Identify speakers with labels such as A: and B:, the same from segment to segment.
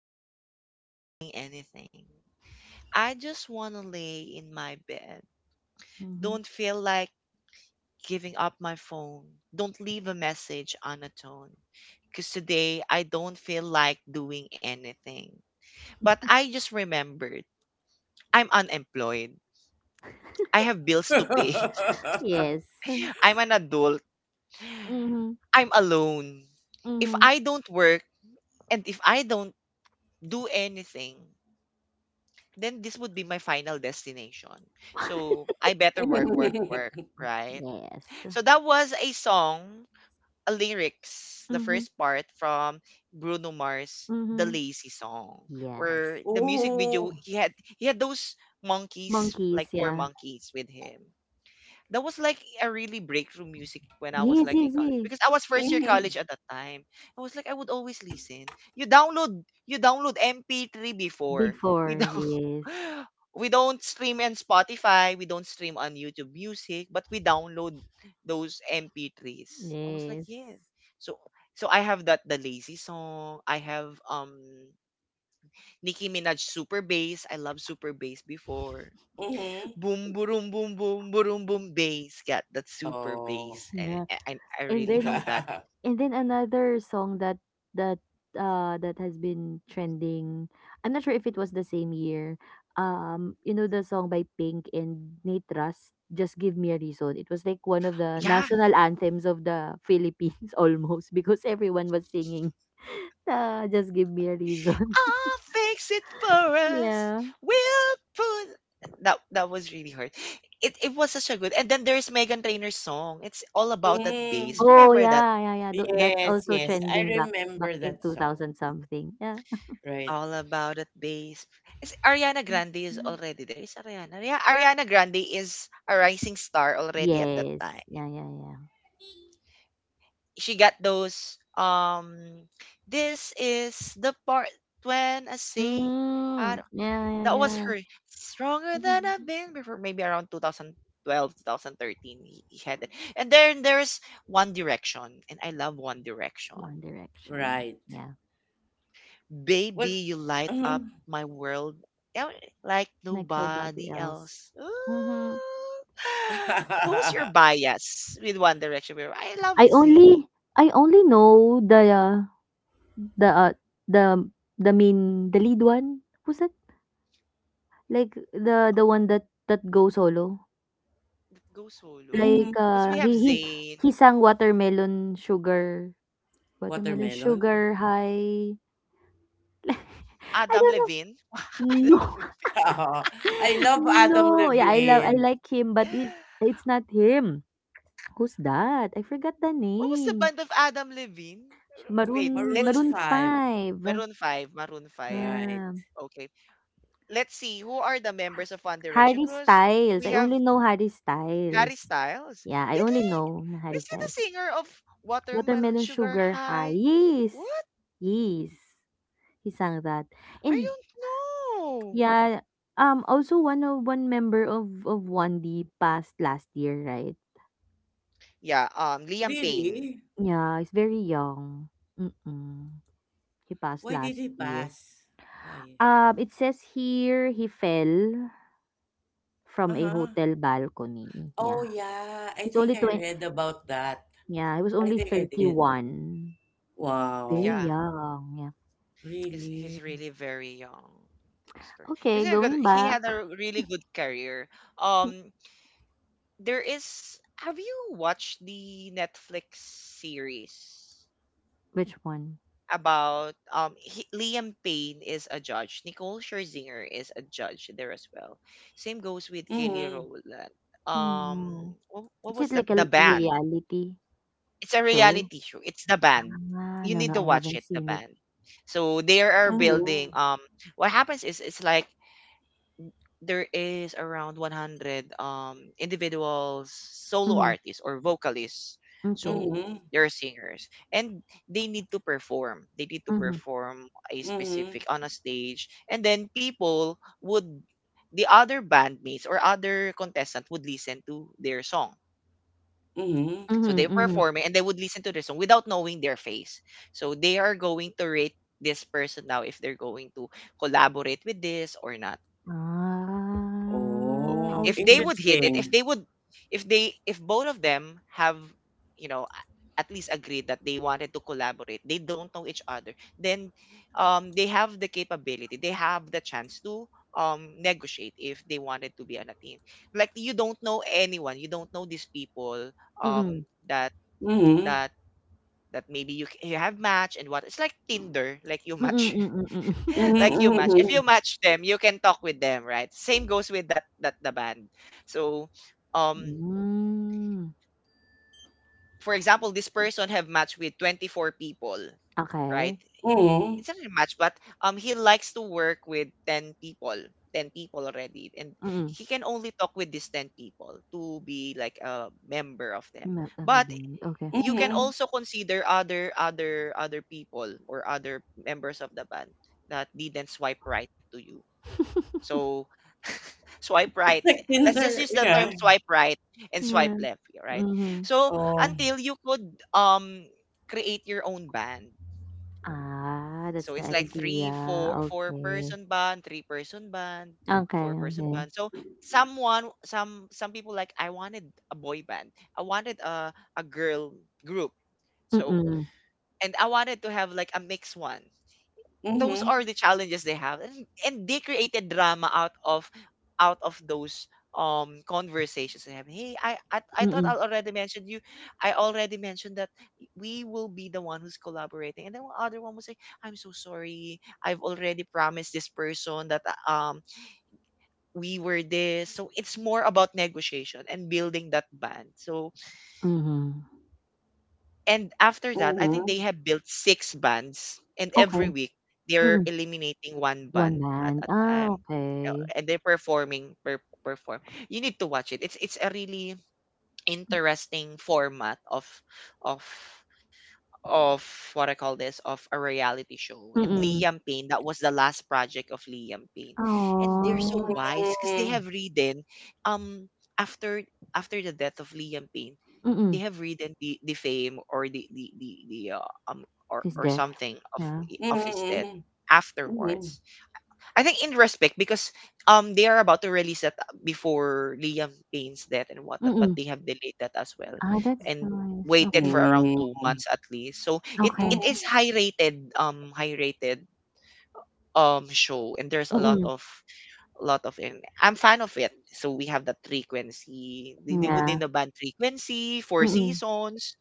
A: I don't feel like doing anything. I just want to lay in my bed.
B: Mhm.
A: Don't feel like giving up my phone. Don't leave a message unatoned. Because today I don't feel like doing anything. But I just remembered I'm unemployed. I have bills to pay.
B: Yes.
A: I'm an adult.
B: Mhm.
A: I'm alone. If
B: Mhm.
A: I don't work and if I don't do anything, then this would be my final destination. So I better work, work, work, right?
B: Yes.
A: So that was a song, a lyrics, the
B: Mhm.
A: first part from Bruno Mars, the
B: Mhm.
A: Lazy Song, where
B: Yes.
A: the music video he
C: Ooh.
A: had he had those monkeys, like
B: Monkeys,
A: four
B: yeah.
A: monkeys with him. That was like a really breakthrough music when I was
B: Yes,
A: like in
B: yes,
A: college
B: yes.
A: because I was first year
C: Mhm.
A: college at that time. I was like I would always listen. You download MP3 before. We
B: Before,
A: don't
B: yes.
A: we don't stream on Spotify, we don't stream on YouTube Music, but we download those MP3s. I was like, yeah.
B: Yes.
A: So so I have that the lazy song. I have Nicki Minaj Super Bass. I love Super Bass before.
C: Mhm.
A: Boom boom boom boom boom boom bass, got that super
C: Oh.
A: bass. and
B: Yeah.
A: and I
B: And
A: really know
B: then
A: that.
B: And then another song that that has been trending. I'm not sure if it was the same year. You know the song by Pink and Nate Russ, Just Give Me a Reason. It was like one of the
A: Yeah,
B: national anthems of the Philippines almost because everyone was singing. Just give me a reason.
A: I'll fix it for us.
B: Yeah.
A: We'll put that was really hard. It was such a good, and then there's Megan Trainor's song. It's all about that
C: Mm.
A: bass,
B: Oh
A: remember that?
B: yeah, yeah, yeah. That's
C: Yes,
B: also
C: yes. I
B: trending back
C: remember
B: in
C: that song.
B: 2000 something. Yeah.
C: Right.
A: All about that bass. Is Ariana Grande is already there? Is Ariana, yeah, Ariana Grande is a rising star already at that
B: Yes.
A: time.
B: Yeah, yeah, yeah.
A: She got those this is the part when I say I
B: Mm,
A: don't,
B: yeah, yeah,
A: that was
B: yeah.
A: her stronger than
B: Mhm.
A: I've been before, maybe around 2012, 2013, he had it. And then there's One Direction, and I love One Direction.
B: One Direction.
C: Right.
B: Yeah,
C: What's
A: Baby, you light up
C: Mhm.
A: my world, yeah, like
B: like nobody
A: nobody
B: else.
A: else. Ooh.
B: Mm-hmm.
A: Who was your bias with One Direction? Where I love
B: I
A: Zayn
B: only I only know the uh, the the lead one. Who's that? Like the one that goes solo.
A: go solo,
B: Like
C: Mhm.
A: because
B: uh
A: we have
B: he he
A: Zayn.
B: he sang Watermelon Sugar. Watermelon
C: Watermelon?
B: Sugar High. I
A: Adam
B: don't
A: Levine?
B: know.
A: Adam
B: No.
A: Levine.
C: I love Adam
B: No. Yeah, I
C: Levine.
B: like him, but it's not him. Who's that? I forgot the
A: What was the
B: name.
A: band of Adam Levine? Wait,
B: Maroon
C: Maroon
A: let's
B: Maroon
C: 5.
B: 5.
A: Maroon 5, Maroon 5.
C: Right.
B: Yeah.
A: Okay. Let's see who are the members of One Direction,
B: Harry
A: because
B: Styles.
A: we
B: I
A: have
B: only know Harry
A: Harry
B: Styles.
A: Styles.
B: Yeah, I
A: Did
B: only know na
A: he
B: Harry
A: is he the
B: Styles.
A: singer of Watermelon
B: Watermelon
A: Sugar
B: Sugar High.
A: High?
B: Yes.
A: What?
B: Yes. He sang that.
A: I
B: And
A: don't know.
B: yeah, also one of one member of 1D passed last year, right?
A: Yeah, Liam Payne.
C: Really?
B: Yeah, he's very young. Mm-mm. He passed
C: Why did
B: last
C: he
B: year.
C: pass? Why?
B: It says here he fell from a
C: Uh-huh.
B: hotel balcony,
C: Oh
B: yeah.
C: yeah, I
B: He's
C: think
B: only
C: I
B: 20,
C: read about that.
B: yeah, he was
C: I
B: only
C: think I did.
B: 31. Very
C: Wow.
A: Yeah,
B: young, yeah.
A: he's
C: Really?
A: he's really very young. Because
B: Okay, going
A: he had
B: back.
A: a really good career. Um, there is, have you watched the Netflix series
B: Which one?
A: about Liam Payne is a judge, Nicole Scherzinger is a judge there as well. Same goes with Kelly
C: Mm-hmm.
A: Rowland. Um
B: Hmm.
A: what
B: Is
A: was
B: it
A: that?
B: like
A: The
B: a
A: Band.
B: reality
A: It's a
B: show?
A: reality show. It's The Band.
B: Ah,
A: You
B: no,
A: need
B: no,
A: to
B: I
A: watch it,
B: haven't
A: The
B: seen it.
A: Band. So they are building
C: Mm-hmm.
A: what happens is it's like there is around 100 individuals, solo
B: Mhm,
A: artists or vocalists.
B: okay.
A: So
C: Mm-hmm.
A: they're singers, and they need to perform. They need to
B: Mhm,
A: perform a
C: Mm-hmm.
A: specific on a stage, and then people would the other bandmates or other contestant would listen to their song.
C: Mm-hmm.
A: So
B: mhm,
A: they're
B: mhm.
A: performing and they would listen to their song without knowing their face. So they are going to rate this person now if they're going to collaborate with this or not.
B: Ah,
C: Oh,
A: If they
B: okay.
A: would hit it, if
C: interesting.
A: they would, if they, if both of them have a- at least agreed that they wanted to collaborate, they don't know each other. Then they have the capability, they have the chance to negotiate if they wanted to be on a team, like you don't know anyone, you don't know these people,
B: Mm,
A: um that
C: Mm-hmm.
A: that that maybe you, c- you have match. And what, it's like Tinder, like you
B: mm,
A: match,
B: mm, mm, mm.
C: Mm-hmm.
A: like you match. If you
C: Mm-hmm.
A: match them, you can talk with them, right? Same goes with that the band. So, um,
B: Hmm,
A: for example, this person have matched with 24 people, right?
B: okay.
C: Mm-hmm.
A: It's not a match, but he likes to work with 10 people, 10 people already, and he
B: Mm.
A: can only talk with these 10 people to be like a member of them.
B: You might have
A: But
B: a blonde, okay.
A: you can
C: Mm-hmm.
A: also consider other people or other members of the band that didn't swipe right to you. So swipe
C: It's
A: right.
C: like
A: Let's just
C: Tinder.
A: use the term
C: Yeah.
A: swipe right and swipe
B: Yeah,
A: left, right?
B: mhm.
A: So
C: Oh.
A: until you could um create your own band.
B: Ah, that's
A: So
B: the
A: it's like
B: idea,
A: three, four
B: okay.
A: person band, three-person band,
B: Okay,
A: four-person
B: okay.
A: band. So someone, some people like I wanted a boy band. I wanted a girl group. So
B: Mm,
A: and I wanted to have like a mixed one. Those
C: Mm-hmm.
A: are the challenges they have, and they created drama out of those conversations they have. Hey, I thought I
B: mm,
A: already mentioned you, I already mentioned that we will be the one who's collaborating. And then the other one will say, I'm so sorry, I've already promised this person that um we were this. So it's more about negotiation and building that band. So,
B: mhm.
A: and after that, I think
C: Mm-hmm.
A: they have built six bands, and every
B: Okay,
A: week they're
B: mm,
A: eliminating one
B: one
A: band at
B: band.
A: a
B: Ah,
A: time.
B: okay.
A: And they're performing perform. You need to watch it. It's a really interesting format of of of what I call this of a reality show. And
B: Mm.
A: Liam Payne, that was the last project of Liam Payne. And they're so
B: Aw,
A: wise because they
C: Mm-hmm.
A: have written um after after the death of Liam Payne, they
B: mm,
A: have written the fame or the
B: she's
A: or
B: deaf?
A: something
B: Yeah,
A: of his death
C: Mm-hmm. Mm-hmm.
A: afterwards. I think in respect, because they are about to release that before Liam Payne's death and whatnot, but
B: mm.
A: they have delayed that as well
B: Ah, that's
A: and
B: nice,
A: waited
B: okay,
A: for around two
C: Mm-hmm.
A: months at least. So it
B: okay,
A: it
C: Mm-hmm.
A: is high rated show, and there's
B: mm,
A: a lot of in I'm fan of it. So we have that frequency. They would name
B: yeah,
A: the band frequency, four
B: mm.
A: seasons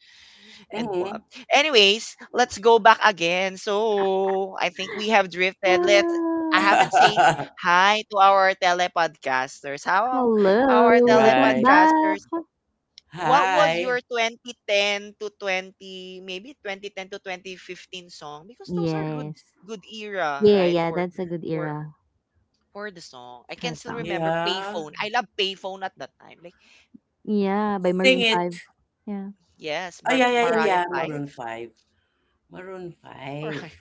A: and what.
C: Mm-hmm.
A: Anyways, let's go back again. So I think we have drifted. Let's, I haven't
B: Ah,
A: said hi to our telepodcasters.
B: hello,
A: Our
B: welcome
C: Right.
B: back.
A: telepodcasters. What was
C: Hi.
A: your 2010 to 2015 song? Because those are good
B: Yes.
A: good era,
B: Yeah,
A: right?
B: yeah, that's a good
A: For
B: era,
A: for the song. I
B: her
A: can still
B: songs.
A: remember
C: Yeah.
A: Payphone. I love Payphone at that time. Like,
B: Yeah, by
C: Sing
B: Maroon
C: It.
B: 5, yeah.
A: yes,
C: Oh, yeah, yeah, yeah,
A: Mariah
C: yeah. Maroon 5. Maroon 5.
A: 5.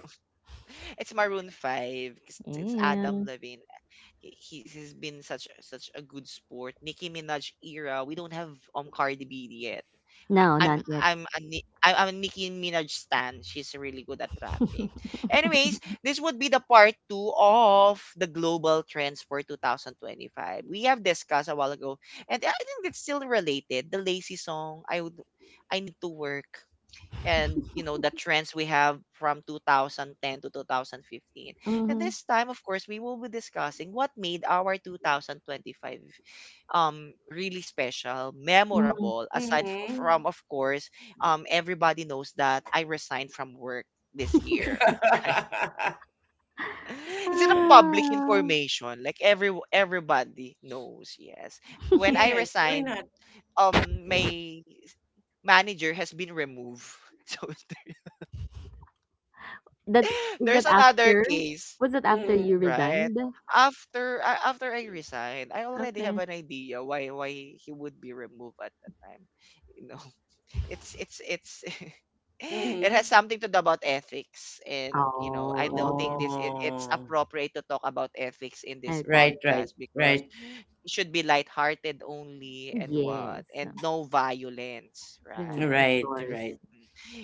A: It's Maroon 5, because it's Adam
B: Yeah.
A: Levine. He's been such such a good sport. Nicki Minaj era. We don't have Cardi B yet.
B: No,
A: I- I'm
B: not yet.
A: I'm a Nicki Minaj stan. She's really good at rapping. Anyways, this would be the part two of the global trends for 2025. We have discussed a while ago, and I think it's still related. The lazy song. I need to work, and you know the trends we have from 2010 to 2015. And
B: Mhm,
A: this time, of course, we will be discussing what made our 2025 really special,
B: mhm.
A: memorable, aside
C: Mm-hmm.
A: from, of course, everybody knows that I resigned from work this year. Right, it's not a public
B: Ah,
A: information, like every everybody knows. Yes, when I
C: Yes, why
A: resigned,
C: not?
A: my manager has been removed. So,
B: that's is that
A: there's another
B: after?
A: case,
B: Was that after you
C: Mm-hmm.
A: right?
B: resigned?
A: After I resigned, I already have
B: Okay.
A: an idea why he would be removed at that time. You know, it's it has
C: Mm-hmm.
A: something to do about ethics. And you know, I
B: Oh,
A: don't think
B: okay.
A: this it's
C: Oh,
A: appropriate to talk about ethics in this
B: Okay.
C: right, right,
A: podcast, because
C: right,
A: it should be lighthearted only. And what,
B: Yes.
A: and no violence,
B: Then, of
A: right?
C: right, right.
B: course.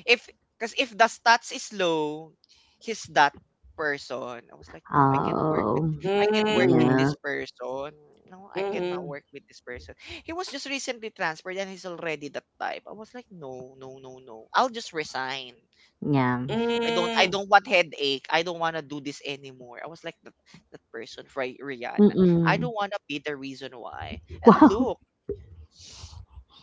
A: if Because if the stats is low, he's that person. I was like, no, I can't work with,
B: Oh,
A: I can't work with
C: Mm-hmm.
A: this
B: yeah.
A: person. No, I cannot
C: Mm-hmm.
A: work with this person. He was just recently transferred and he's already that type. I was like, no, no, no, no. I'll just resign.
B: Yeah.
A: I
C: Mm.
A: don't want headache. I don't want to do this anymore. I was like that, that person for Rihanna. I
B: Mm-mm.
A: don't want to be the reason why. And
B: Wow.
A: look,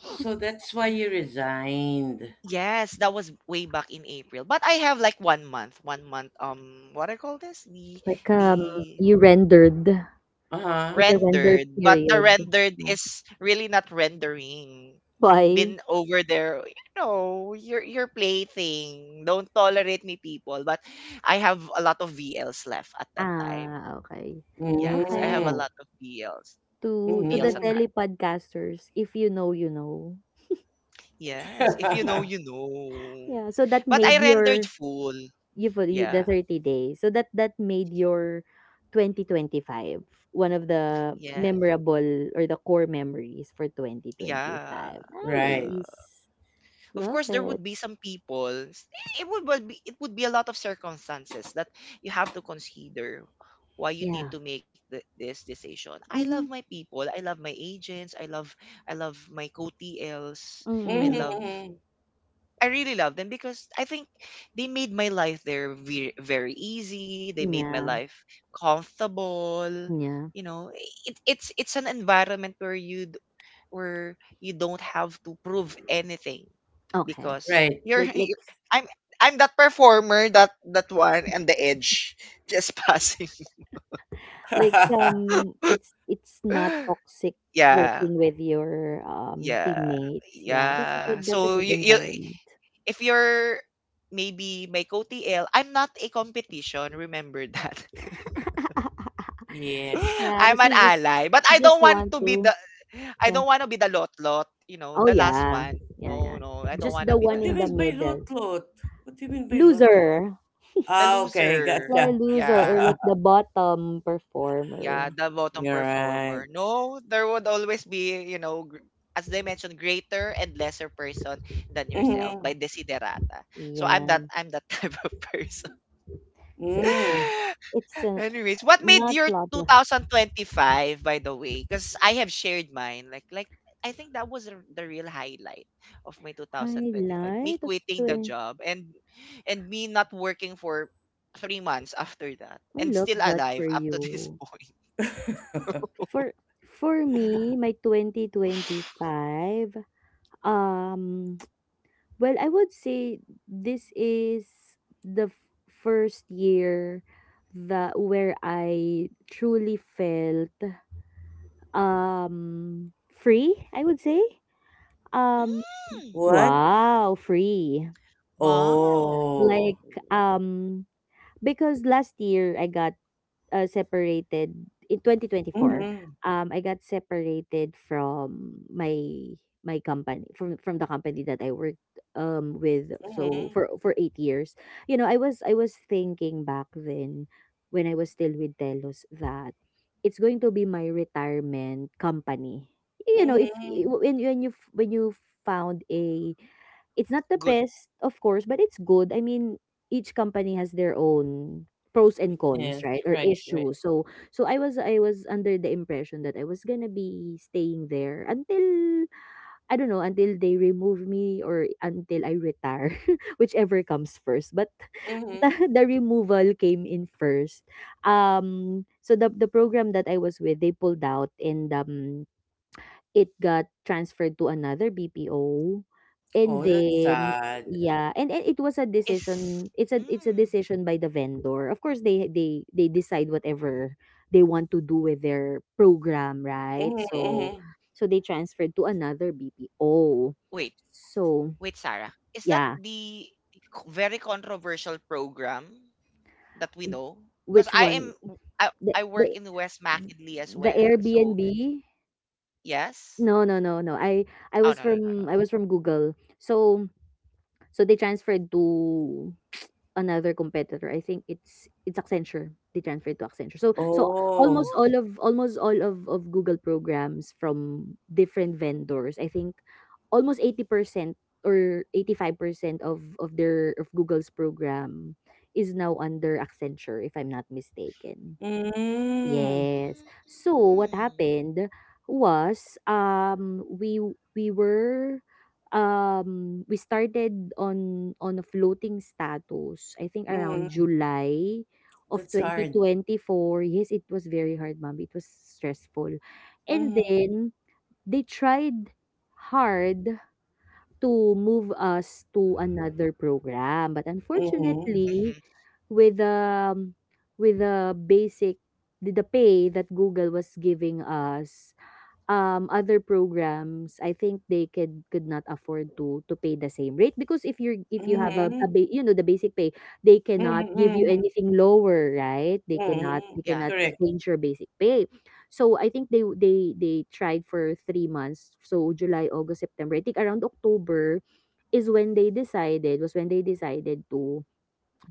C: So that's why you resigned.
A: yes, that was way back in April. But I have like 1 month, 1 month. What I call this?
B: Like
A: The
B: you rendered,
C: Uh-huh.
B: like a
A: rendered,
B: render
A: but the
B: period.
A: rendered
B: Yeah.
A: is really not rendering. Been
B: Why?
A: over there, you know, your plaything. Don't tolerate me, people. But I have a lot of VLs left at that time.
B: Ah, okay.
A: Yes, I have
B: Okay.
A: a
C: Mm-hmm.
A: lot of VLs,
B: To
A: VLs
B: the
A: at
C: Mm-hmm.
A: that.
B: telepodcasters, "If you know, you know."
A: Yes, if you know, you know.
B: Yeah, so that
A: But I
B: made
A: rendered
B: your
A: full.
B: you the
A: Yeah.
B: 30 days. So that made your 2025 one of the
A: Yes.
B: memorable or the core memories for
A: Yeah.
B: 2025.
A: Yeah.
C: Right.
B: Nice.
A: Of
B: Love
A: course there
B: it.
A: would be some people. It would be a lot of circumstances that you have to consider why you
B: Yeah.
A: need to make the, this decision. I love
B: Mhm.
A: my people. I love my agents. I love my co-TLs. I
B: Mm.
A: love
C: Mm-hmm.
A: I really love them because I think they made my life there very, very easy. They made my
B: Yeah.
A: life comfortable.
B: Yeah.
A: You know, it's an environment where you or you don't have to prove anything
B: Okay.
A: because
C: Right.
A: you're,
B: Like like
A: I'm I'm that performer that one and the edge just passing.
B: Like, um, it's not toxic
A: Yeah,
B: working with your,
A: yeah,
B: teammates. Yeah, that's a
A: yeah.
B: good that's a
A: So
B: good
A: you,
B: environment.
A: if you're maybe my OTL, I'm not a competition. Remember that.
C: Yes.
B: Yeah,
A: I'm
B: because
A: an
B: you just
A: ally, but
B: you
A: I
B: just
A: don't want
B: want
A: to be
B: to,
A: the
B: yeah.
A: lot lot. You know,
B: Oh
A: the last
B: yeah.
A: one.
B: Yeah,
A: No,
B: yeah.
A: no, I don't
B: Just
A: want
B: the
A: to be
C: What
B: one
A: the
C: do you
B: in the
A: last.
C: mean by
B: middle.
C: lot-lot? What do you mean by lot-lot?
B: Loser.
A: The
C: Ah, okay,
A: loser.
C: gotcha.
B: Like loser or
A: Yeah.
B: like the bottom
A: Yeah,
B: performer.
A: the bottom
C: You're right.
A: performer. No, there would always be, as they mentioned, greater and lesser person than yourself
C: Mm-hmm.
A: by desiderata. So I'm that
B: Yeah.
A: I'm that type of person.
B: So it's
C: Mm.
B: it's uh,
A: Anyways, what made
B: not
A: your
B: blah blah.
A: 2025, by the way? Because I have shared mine. Like, I think that was the real highlight of my 2025. Me
B: Highlight of
A: quitting the
B: 20.
A: job and me not working for 3 months after that
B: I
A: and
B: love
A: still
B: that
A: alive
B: for
A: up to this
B: you.
A: point.
B: For for me, my 2025, um, well, I would say this is the first year that where I truly felt free, I would say. Um,
A: Mm,
C: What?
B: wow, free.
A: wow.
C: Oh.
B: Like um because last year I got separated in 2024.
C: Mm-hmm.
B: I got separated from my company, from the company that I worked with so
C: Mm-hmm.
B: for 8 years. You know, I was thinking back then, when I was still with Telos, that it's going to be my retirement company. You know, if
C: Mm-hmm.
B: when you when you found a it's not the
A: Good.
B: best, of course, but it's good. I mean, each company has their own pros and cons,
C: Weakness.
B: right? Or
C: Right, right.
B: issues. So I was under the impression that I was gonna be staying there until I don't know, until they remove me or until I retire, whichever comes first. But
C: Mm-hmm.
B: the removal came in first. So the program that I was with, they pulled out, and it got transferred to another BPO, and
C: Oh, that's
B: then
C: sad.
B: yeah, and it was a
A: Is
B: decision.
A: mm,
B: By the vendor. Of course, they decide whatever they want to do with their program, right?
C: Mm-hmm.
B: So
C: Mm-hmm.
B: they transferred to another BPO.
A: wait,
B: So,
A: wait, Sarah. Is that
B: yeah,
A: the very controversial program that we know because
B: which
A: I
B: one?
A: am
B: The
A: I work
B: the
A: in West Mackinley as
B: the
A: well. So,
B: Airbnb?
A: yes.
B: No, no, no, no. I
A: Oh,
B: was
A: no, no, no, no.
B: from Google. So they transferred to another competitor. I think it's Accenture. They transferred to Accenture. So almost
C: Oh.
A: Oh.
B: all of, Google programs from different vendors. I think almost 80% or 85% of their of Google's program is now under Accenture, if I'm not mistaken.
C: Mm-hmm.
B: Yes. So
A: Mm.
B: what happened was, we we were, we started on a floating status, I think around
C: Mm-hmm.
B: July of
C: That's hard.
B: 2024. Yes, it was very hard, ma'am. It was stressful. And
C: Mm-hmm.
B: then they tried hard to move us to another program, but
C: Mm-hmm.
B: unfortunately,
A: Mm-hmm.
B: with um with the basic the pay that Google was giving us, other programs, I think they could not afford to pay the same rate, because if you're, if you have a
C: Mm-hmm.
B: ba- you know the basic pay, they cannot
C: Mm-hmm.
B: give you
C: Mm-hmm.
B: anything lower, right?
C: Mm-hmm.
B: They cannot
A: Yeah.
C: Correct.
B: change your basic pay. So I think they tried for 3 months. So July, August, September. I think around October is when they decided, to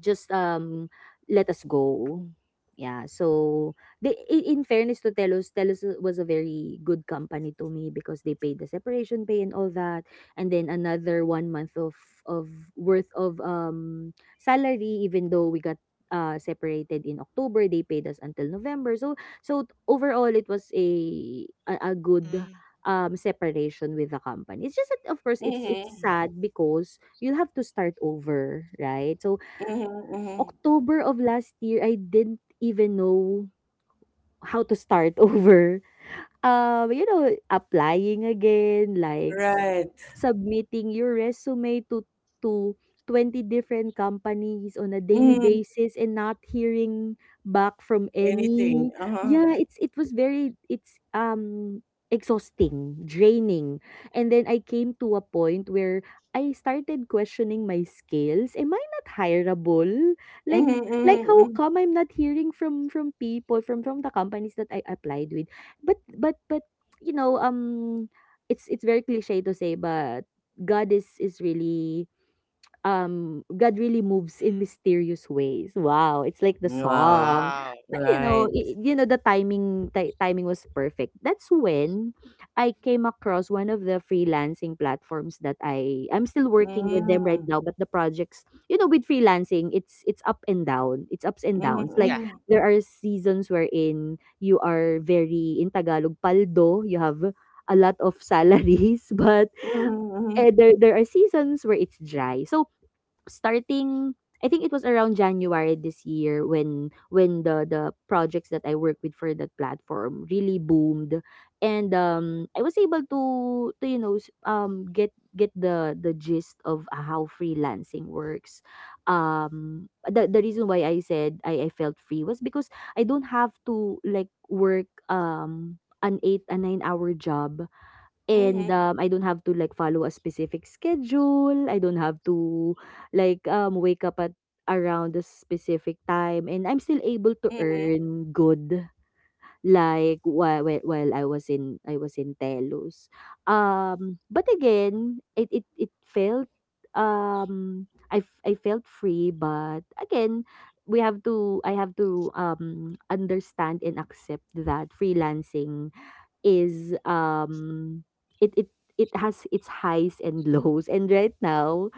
B: just let us go. Yeah, so in fairness to Telos was a very good company to me, because they paid the separation pay and all that, and then another one month of, of worth of salary. Even though we got separated in October, they paid us until November. So so overall, it was a good
A: Hmm.
B: separation with the company. It's just that, of course, it's
C: Mhm.
B: sad, because you'll have to start over, right? So
C: Mhm, mhm.
B: October of last year, I didn't even know how to start over. You know, applying again, like
C: Right.
B: submitting your resume to to 20 different companies on a daily
C: Mhm.
B: basis and not hearing back from
C: Anything.
B: any.
C: Uh-huh.
B: Yeah, it's it was very it's exhausting, draining. And then I came to a point where I started questioning my skills. Am I not hireable?
C: Mhm,
B: Like,
C: mhm,
B: how
C: mhm.
B: come I'm not hearing from people from the companies that I applied with? But You know, it's very cliche to say, but god is is really God really moves in mysterious ways. Wow, it's like the
C: Wow.
B: song.
A: Wow.
B: But you know,
C: Right.
B: you know, the timing, timing was perfect. That's when I came across one of the freelancing platforms that I'm still working with them right
C: Mm.
B: now. But the projects, with freelancing, it's up and down. It's ups and
C: Mhm,
B: downs. Like,
C: mhm.
A: Yeah.
B: there are seasons wherein you are very, in Tagalog, paldo, you have a lot of salaries, but
C: Mhm,
B: there are seasons where it's dry. So starting, I think it was around January this year, when the projects that I work with for that platform really boomed. And I was able to you know, get the gist of how freelancing works. The reason why I said I felt free was because I don't have to, like, work an 8, a 9-hour job. And,
C: mhm.
B: I don't have to, like, follow a specific schedule. I don't have to, like, wake up at around a specific time. And I'm still able to
C: Mhm,
B: earn good, like, while I was in, Telus. But again, it felt, I I felt free. But again, we have to I have to, understand and accept that freelancing is, it has its highs and lows. And right now,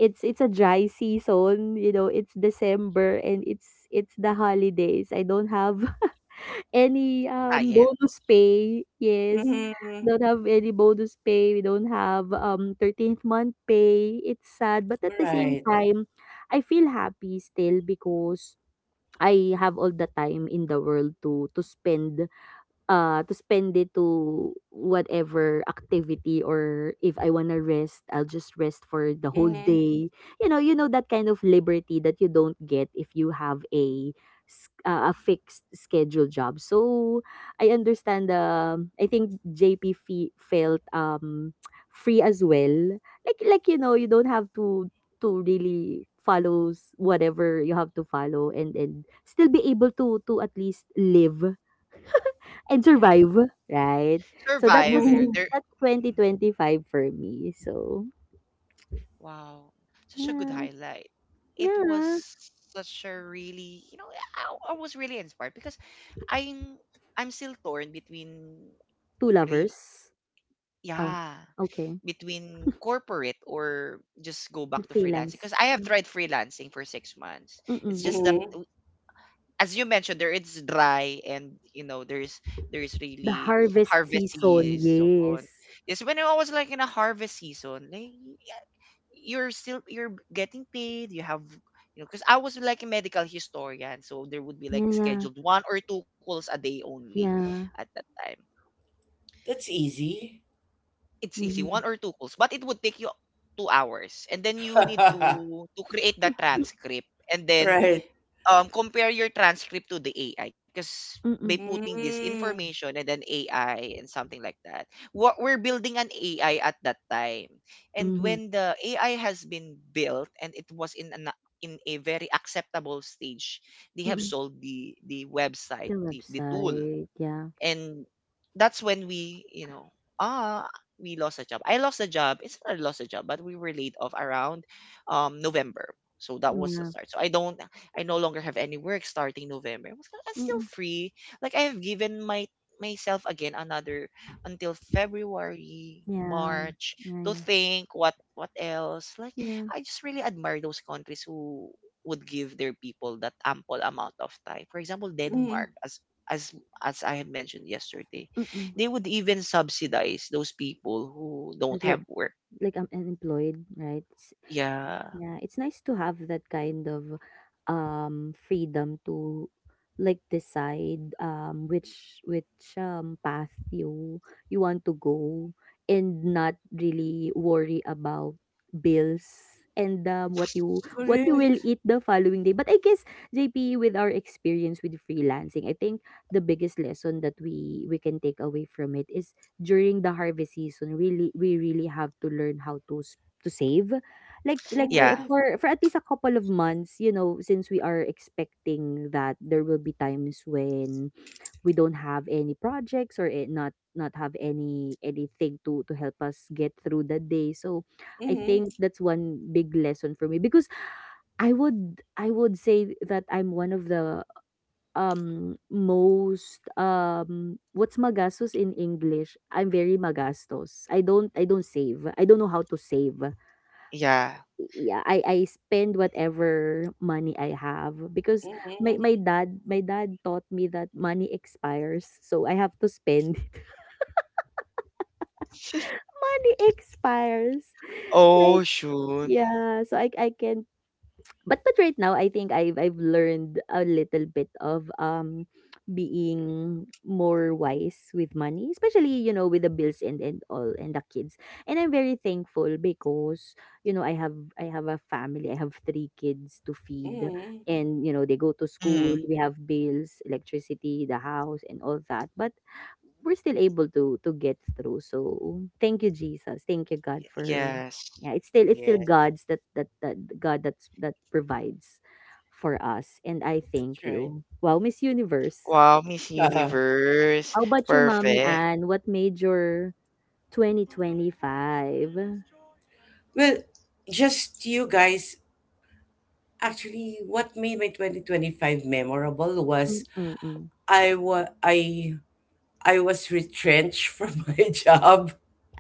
B: it's a dry season. You know, it's December, and it's the holidays. I don't have any
A: Client.
B: bonus pay. Yes,
C: mhm, mhm.
B: don't have any bonus pay. We don't have, 13th month pay. It's sad, but at the same
C: Right.
B: time, I feel happy still, because I have all the time in the world to spend. To spend it to whatever activity, or if I want to rest, I'll just rest for the whole
C: Mhm,
B: day. You know that kind of liberty that you don't get if you have a, a fixed schedule job. So I understand. I think JP felt free as well. Like, you know, you don't have to really follows whatever you have to follow, and still be able to at least live and
A: Yeah.
B: survive, right? So that
A: Survive.
B: was,
C: mhm,
B: that's
A: Mm.
B: 2025 for me. So,
A: Wow. Such a good
B: yeah.
A: highlight. It was
B: Yeah.
A: such a really, I was really inspired because I'm I'm still torn, between
B: Two
A: real
B: lovers. Oh,
A: yeah,
B: okay.
A: between corporate or just go back
B: The
A: to freelancing because
B: freelance.
A: I have tried freelancing for 6 months. It's
B: Mm-mm.
A: just that,
C: mhm.
A: as you mentioned, there, it's dry, and there's
B: The
A: really
B: harvest
A: harvest
B: season.
A: season.
B: Yes.
A: Yes, when I was like in a harvest season, like, yeah, you're still you're getting paid. You have, because I was like a medical historian, so there would be like
B: Yeah, yeah.
A: scheduled one or two calls a day only
B: Yeah.
A: at that time.
C: That's easy.
A: It's easy, 1
B: Mm-hmm.
A: or 2 calls, but it would take you 2 hours, and then you need to create the transcript, and then,
C: Right.
A: compare your transcript to the AI, because by
B: Mm-mm.
A: putting this
C: Mm.
A: information and then AI and something like that, what we're building an AI at that time. And
B: Mm-hmm.
A: when the AI has been built and it was in a very acceptable stage, they have
B: Mm-mm.
A: sold the
B: The
A: website, the tool
B: website. Yeah.
A: and that's when we, ah we lost a job. I lost a job. It's not I lost a job, but we were laid off around November. So that was the
B: Yeah.
A: start. So I no longer have any work starting November. I was like, I'm still
B: Mm-mm.
A: free. Like, I have given my myself again another until February,
B: Yeah.
A: March
B: Yeah,
A: to
B: yeah.
A: think what else, like.
B: Yeah.
A: I just really admire those countries who would give their people that ample amount of time, for example
C: Mhm.
A: Denmark, as as I have mentioned yesterday,
B: Mm-mm.
A: they would even subsidize those people who
B: That
A: don't
B: we're
A: have work.
B: like I'm unemployed, right?
A: Yeah.
B: Yeah, it's nice to have that kind of freedom to like decide um which path you want to go and not really worry about bills and what you will
C: Correct.
B: eat the following day. But I guess JP, with our experience with freelancing, I think the biggest lesson that we can take away from it is during the harvest season, really, we really have to learn how to to save like for
A: Yeah.
C: Mhm,
B: at least a couple of months, you know, since we are expecting that there will be times when we don't have any projects or not have anything to help us get through the day. So I
C: mhm,
B: think that's one big lesson for me, because I would say that I'm one of the most what's magastos in English? I'm very magastos. I don't save. I don't know how to save,
A: Yeah.
B: yeah, I spend whatever money I have because
C: mhm,
B: my my
C: mhm,
B: dad my dad taught me that money expires, so I have to spend it. Money expires. Like
A: Oh, shoot.
B: yeah, so I can, but right now I think I've learned a little bit of being more wise with money, especially, you know, with the bills and all and the kids. And I'm very thankful because, you know, I have a family. I have three kids to feed,
C: mhm.
B: and, you know, they go to school.
A: Mm,
B: We have bills, electricity, the house, and all that. But we're still able to get through. So thank you, Jesus. Thank you, God, for
A: yes.
B: yeah, it's still
C: Yes,
B: God's, that God that's that provides for us. And I
C: that's
B: thank
C: right.
B: you. Wow, Miss Universe.
A: Wow, Miss Universe.
B: How about you, mommy?
A: Perfect.
B: And what made your 2025
C: Well, just you guys. Actually, what made my 2025 memorable was
B: Mm-mm-mm.
C: I was I I was retrenched from my job.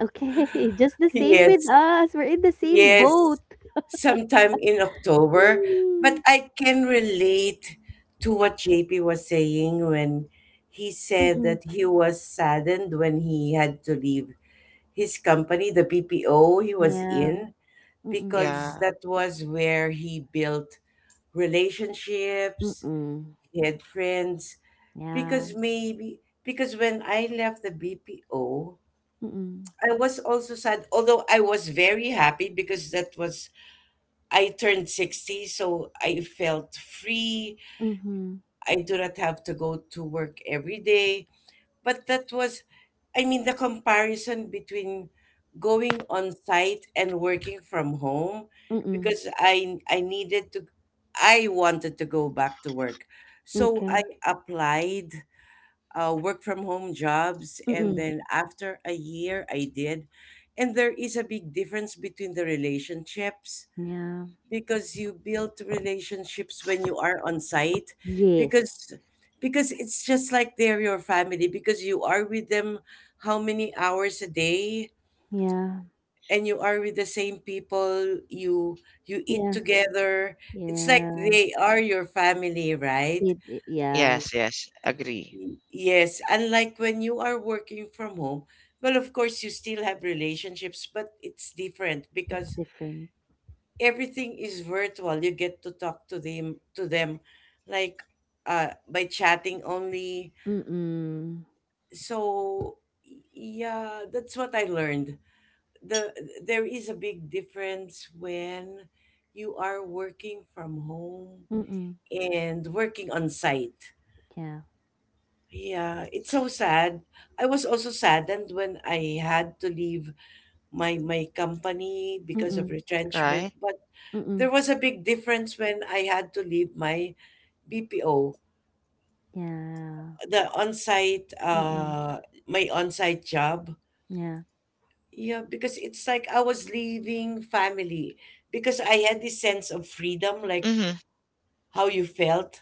B: Okay. Just the same with
C: Yes,
B: us, we're in the same
C: yes,
B: boat.
C: sometime in October. But
B: Mm.
C: I can relate to what JP was saying when he said
B: Mm-mm.
C: that he was saddened when he had to leave his company, the BPO he was
B: Yeah.
C: in,
B: Mm-mm.
A: Yeah.
C: because that was where he built relationships,
B: Mm-mm.
C: he had friends.
B: Yeah.
C: Because maybe, because when I left the BPO,
B: Mm-mm.
C: I was also sad, although I was very happy because that was, I turned 60, so I felt free.
B: Mm-hmm.
C: I do not have to go to work every day. But that was, I mean, the comparison between going on site and working from home
B: Mm-mm.
C: because I needed to I wanted to go back to work, so I
B: Okay.
C: applied work from home jobs, and
B: Mm-mm.
C: then after a year I did. And there is a big difference between the relationships
B: Yeah.
C: because you build relationships when you are on site
B: Yes.
C: because because it's just like they're your family because you are with them how many hours a day,
B: Yeah.
C: and you are with the same people, you eat
B: Yeah.
C: together, it's like they
B: Yes.
C: are your family, right?
B: It, I yes,
A: Yes, yes. Agree.
C: Y- yes, unlike when you are working from home. Well, of course you still have relationships, but it's different
B: it's
C: because
B: different.
C: everything is virtual. You get to talk to them like by chatting only.
B: Mm-mm.
C: So yeah, that's what I learned. The there is a big difference when you are working from home
B: Mm-mm.
C: and working on site.
B: Yeah.
C: Yeah, it's so sad. I was also saddened when I had to leave my company because of
B: Mm-mm.
C: retrenchment,
A: Right?
C: but there
B: Mm-mm.
C: was a big difference when I had to leave my BPO,
B: Yeah.
C: the on-site,
B: Mm-mm.
C: my on-site job.
B: Yeah.
C: Yeah, because it's like I was leaving family because I had this sense of freedom, like
A: Mm-hmm.
C: how you felt.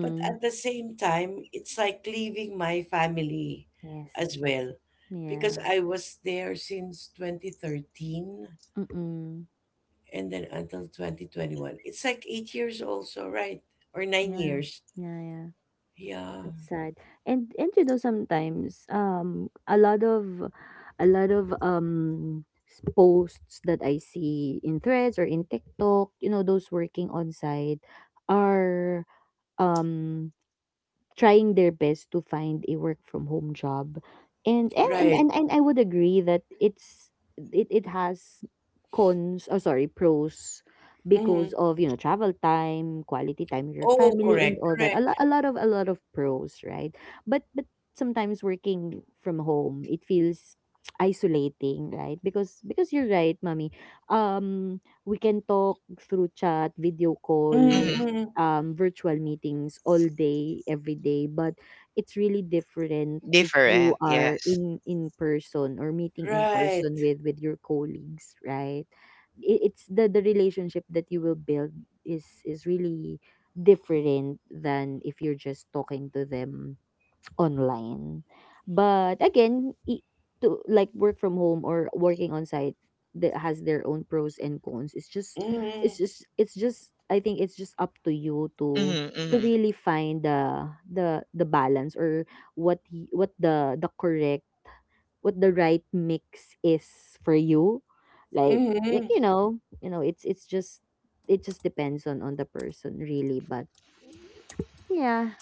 C: But at the same time, it's like leaving my family as
B: Yes.
C: well because
B: Yeah.
C: I was there since 2013
B: Mm-mm.
C: and then until 2021. It's like 8 years also, right? Or nine
B: Yeah.
C: years.
B: Yeah, yeah.
C: Yeah,
B: That's sad. And, you know, sometimes, a lot of posts that I see in threads or in TikTok, you know, those working on site are um trying their best to find a work from home job, and
C: right.
B: and I would agree that it has cons or, sorry, pros,
C: Mm-hmm.
B: because of, you know, travel time, quality time with your
C: Oh,
B: family and
C: correct,
B: all that. a,
C: correct.
B: lo- a lot of pros, right? But sometimes working from home, it feels isolating, right? Because you're right, mommy. We can talk through chat, video call,
A: Mm-hmm.
C: Mm,
B: virtual meetings all day, every day. But it's really different if you
A: Different.
B: are
A: Yes.
B: in person or meeting in person
C: right.
B: with your colleagues, right? It's the relationship that you will build is really different than if you're just talking to them online. But again, to like work from home or working on site, that has their own pros and cons. It's just
C: Mm,
B: I think it's just up to you to
A: Mm-hmm. Mm-hmm.
B: really find the balance or what the correct what the right mix is for you. Like
C: mhm.
B: you know, it's just depends on the person, really. But yeah,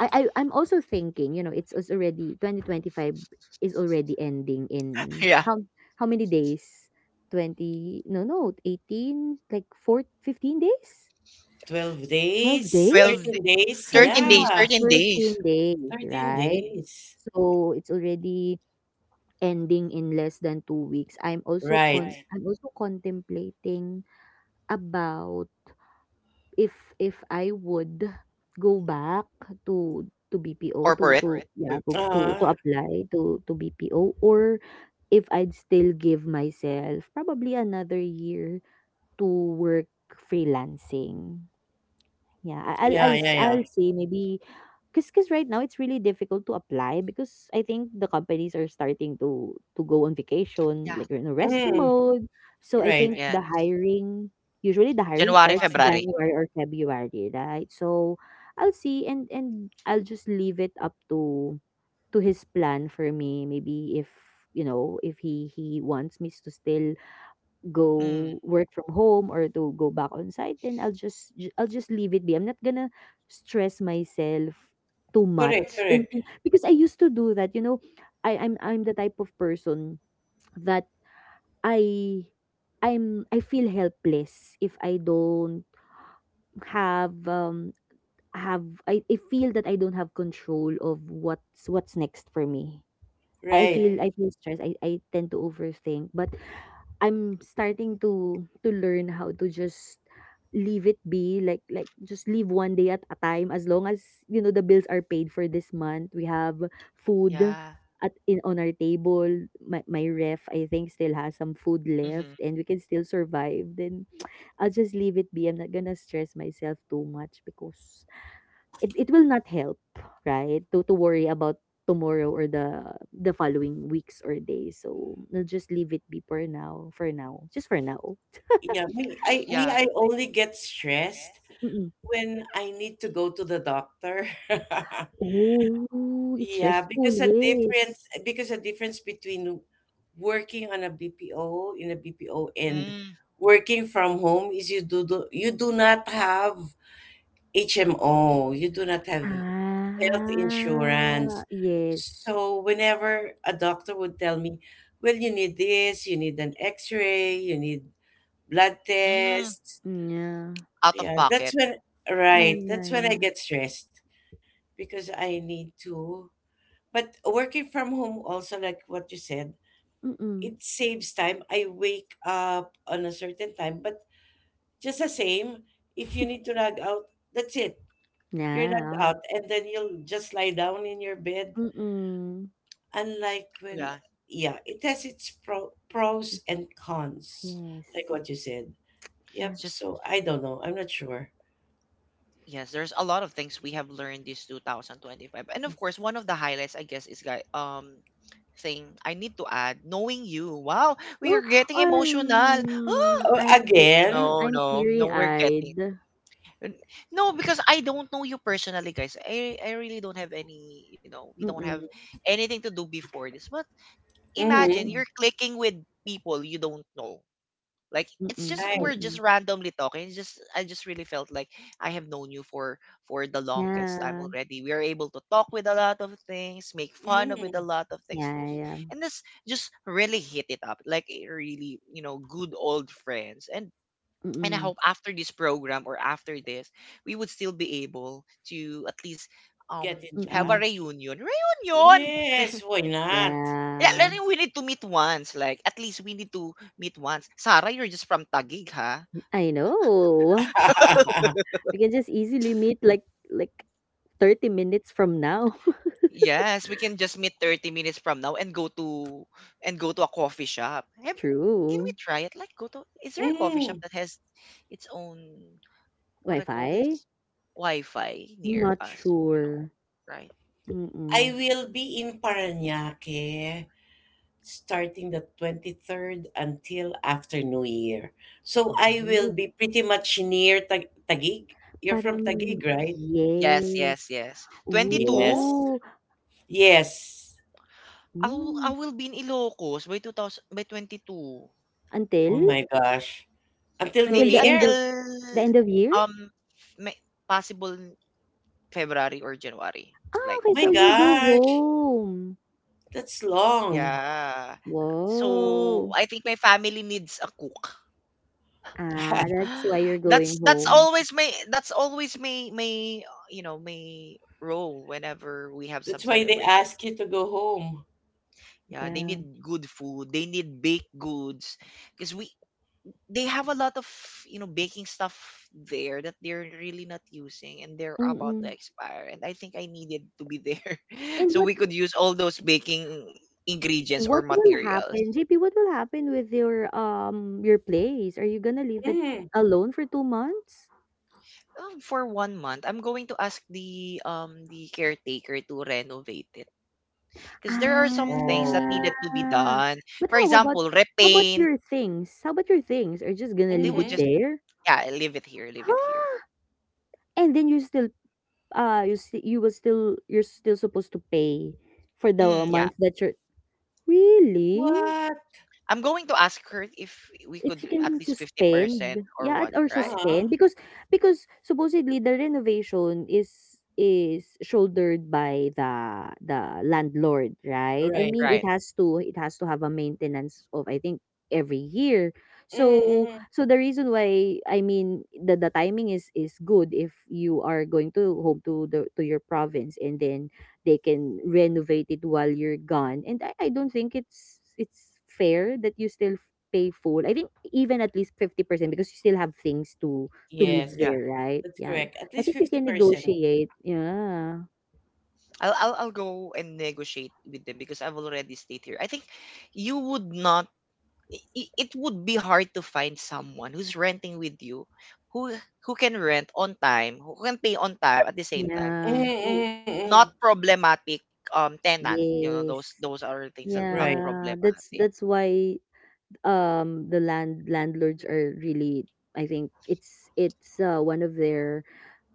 B: I'm also thinking, you know, it's already 2025 is already ending in
A: Yeah.
B: how many days? 20, no, no, 18, like 4 15 days?
C: 12
B: 12
C: days,
A: 12
B: days?
C: 13
A: days.
C: days.
A: 13
B: 13
A: days.
C: Yeah,
A: 13 days.
B: Thirteen days,
C: 13
B: right?
C: days.
B: So it's already ending in less than 2 weeks.
C: Right.
B: I'm also contemplating about, if I would go back to BPO, to to
A: Corporate.
B: Corporate. yeah
A: B-
B: to Mhm.
C: Uh,
B: To apply to BPO, or if I'd still give myself probably another year to work freelancing. Yeah,
C: yeah,
B: I'll Yeah,
C: yeah,
B: I'll say maybe, because right now it's really difficult to apply, because I think the companies are starting to go on
A: Yeah.
B: vacation, like we're in a
C: yeah.
B: rest Mm,
C: Mm,
B: mode. So I
C: right.
B: think right.
A: Yeah.
B: The hiring usually the hiring A lot
A: January,
B: starts of
A: February.
B: January or February, right? So I'll see, and I'll just leave it up to his plan for me. Maybe if, you know, if he wants me to still
A: Mm.
B: go work from home or to go back on site, then I'll just I'll just leave it be. I'm not gonna stress myself too
C: Correct,
B: much
C: correct.
B: because I used to do that, you know. I'm the type of person that I I'm I feel helpless if I don't have I feel that I don't have control of what's next for me.
C: Right.
B: I feel stressed. I tend to overthink. But I'm starting to learn how to just leave it be, like just live one day at a time, as long as, you know, the bills are paid for this month. We have
A: Yeah.
B: food at in on our table. My ref I think still has some food
A: Mm-hmm.
B: left and we can still survive. Then I'll just leave it be. I'm not gonna stress myself too much, because it will not help, right? To worry about tomorrow or the following weeks or days. So we'll just leave it be for now. For now, just for now.
C: Yeah, me I
A: Yeah.
C: me I only get stressed
B: Mm-mm.
C: when I need to go to the doctor.
B: Oh, it's
C: Yeah,
B: stressful.
C: because a
B: Yes.
C: difference between working on a BPO in a BPO and
A: Mm,
C: working from home is you do not have HMO, you do not have health
B: Ah,
C: insurance.
B: yes.
C: So whenever a doctor would tell me, well, you need this, you need an X-ray, you need blood
A: mm,
C: tests.
B: Yeah.
A: out of
C: Yeah,
A: bucket.
C: that's when
B: Yeah,
C: right,
B: yeah,
C: that's when I
B: yeah.
C: get stressed because I need to but working from home also, like what you said,
B: Mm-mm.
C: it saves time. I wake up on a certain time, but just the same, if you need to log out, that's it. You're logged
B: Yeah.
C: out, and then you'll just lie down in your bed.
B: Mm-mm.
C: Unlike when,
A: Yeah.
C: yeah, it has its pros and cons, like
B: Yes.
C: what you said.
B: Yeah.
A: It's
C: Yep.
A: just,
C: So I don't know. I'm not sure.
A: yes, there's a lot of things we have learned this 2025. And of course,
B: Yes.
A: one of the highlights I guess is guy, thing I need to add, knowing you. Wow, we are
B: Oh,
A: getting emotional. Ah,
B: um,
C: Oh,
B: I'm te-
C: again.
A: no,
B: I'm
A: no, no, we're getting
B: teary-eyed.
A: n- no, because I don't know you personally, guys. I really don't have any, we don't have
B: Mm-mm.
A: anything to do before this. But imagine
C: Mm-hmm.
A: you're clicking with people you don't know. Like, it's
B: Mm,
A: just we're
C: Right.
A: just
B: mm.
A: randomly talking. It's just I just really felt like I have known you for the longest time
B: Yeah,
A: already. We are able to talk with a lot of things, make fun of with a
C: Mm-hmm.
A: lot of things, and this,
B: yeah, yeah.
A: and this just really hit it up, like it really, good old friends. And I
B: Mm,
A: hope after this program or after this, we would still be able to at least um
C: Get in
A: have a
B: mm.
C: touch.
A: reunion. Reunion.
C: Yes. Why not?
A: Yeah,
B: Yeah,
A: like, we need to meet once. Like at least we need to meet once. Sarah, you're just from Taguig, huh?
B: I know. We can just easily meet like like 30 minutes from now.
A: Yes, we can just meet 30 minutes from now and go to a coffee shop. Have, can we
B: True.
A: try it? Like, go to, is there a coffee shop
C: Mm,
A: that has its own, what I call
B: Wi-Fi?
A: this? Wi-Fi
B: I'm
A: near
B: not
A: us. Oh no,
B: sure.
A: right?
C: I
B: Mm.
C: will be in Parañaque starting the 23rd until after New Year. So
B: Oh,
C: I will be pretty much near Taguig. You're from
B: parang
C: Taguig, right?
A: Yes,
B: yes.
A: yes, yes. 22?
C: Yes.
B: Ooh.
C: Yes.
A: I will, I
B: Mm.
A: will be in Ilocos by 2000, by 22.
B: Until
C: Oh my gosh. Until New
A: Maybe
B: the end
C: Year?
B: of
A: until
B: year?
A: um may, possible February or January.
B: Ah,
A: Like,
B: okay,
C: My
B: so
A: I
B: you
A: will.
B: go
C: gosh,
B: home.
C: that's long.
A: Yeah. So
B: Whoa.
A: I think my family needs a cook.
B: Ah, that's why you're
A: That's
B: going
A: that's
B: home.
A: always my my role whenever we have some
C: That's why they
A: celebration.
C: ask you to go home.
A: Yeah, they
B: Yeah.
A: need good food. They need baked goods because we they have a lot of, baking stuff there that they're really not using and they're about to
B: Mm.
A: expire. And I think I needed to be there
B: And
A: so
B: what
A: we could use all those baking ingredients or
B: will
A: materials.
B: happen, JP? What will happen with your place? Are you gonna leave it
C: Mm.
B: alone for 2 months?
A: For 1 month, I'm going to ask the caretaker to renovate it because there are some things that needed
C: Oh.
B: Ah,
A: to be done.
B: but
A: For
B: how about
A: example, repaint.
B: your things? How about your things? Are you just gonna
A: They
B: leave
A: would
B: it
C: Mm-hmm.
A: just,
B: there?
A: yeah, leave it here, leave it here.
B: Huh? And then you still you will still you're still supposed to pay for the
A: Mm, yeah,
B: month that you're really.
C: What?
A: I'm going to ask her if we
B: If
A: could
B: you can
A: at least fifty
B: suspend,
A: percent or
B: yeah,
A: what.
B: or
A: Right,
B: suspend,
C: Uh-huh.
B: because supposedly the renovation is shouldered by the landlord, right? I
C: Right.
B: mean, it
A: right.
B: has to have a maintenance of, I think, every year. So
C: Mm-hmm.
B: the reason why, I mean, the timing is good if you are going to home to the to your province, and then they can renovate it while you're gone. And I don't think it's fair that you still pay full. I think even at least 50%, because you still have things to live
C: Yes.
A: Yeah,
B: there, right?
C: That's
B: Yeah.
C: correct. At
B: I
C: least
B: think you can
C: 50%.
B: negotiate. Yeah.
A: I'll go and negotiate with them because I've already stayed here. I think you would not, it would be hard to find someone who's renting with you, who who can rent on time, who can pay on time at the same time,
B: Yeah.
A: who
C: Mm-mm-mm.
A: not problematic, tenant,
B: Yes.
A: those are things that not
C: Right,
B: Yeah,
A: problematic.
B: that's why the landlords are really, I think it's, one of their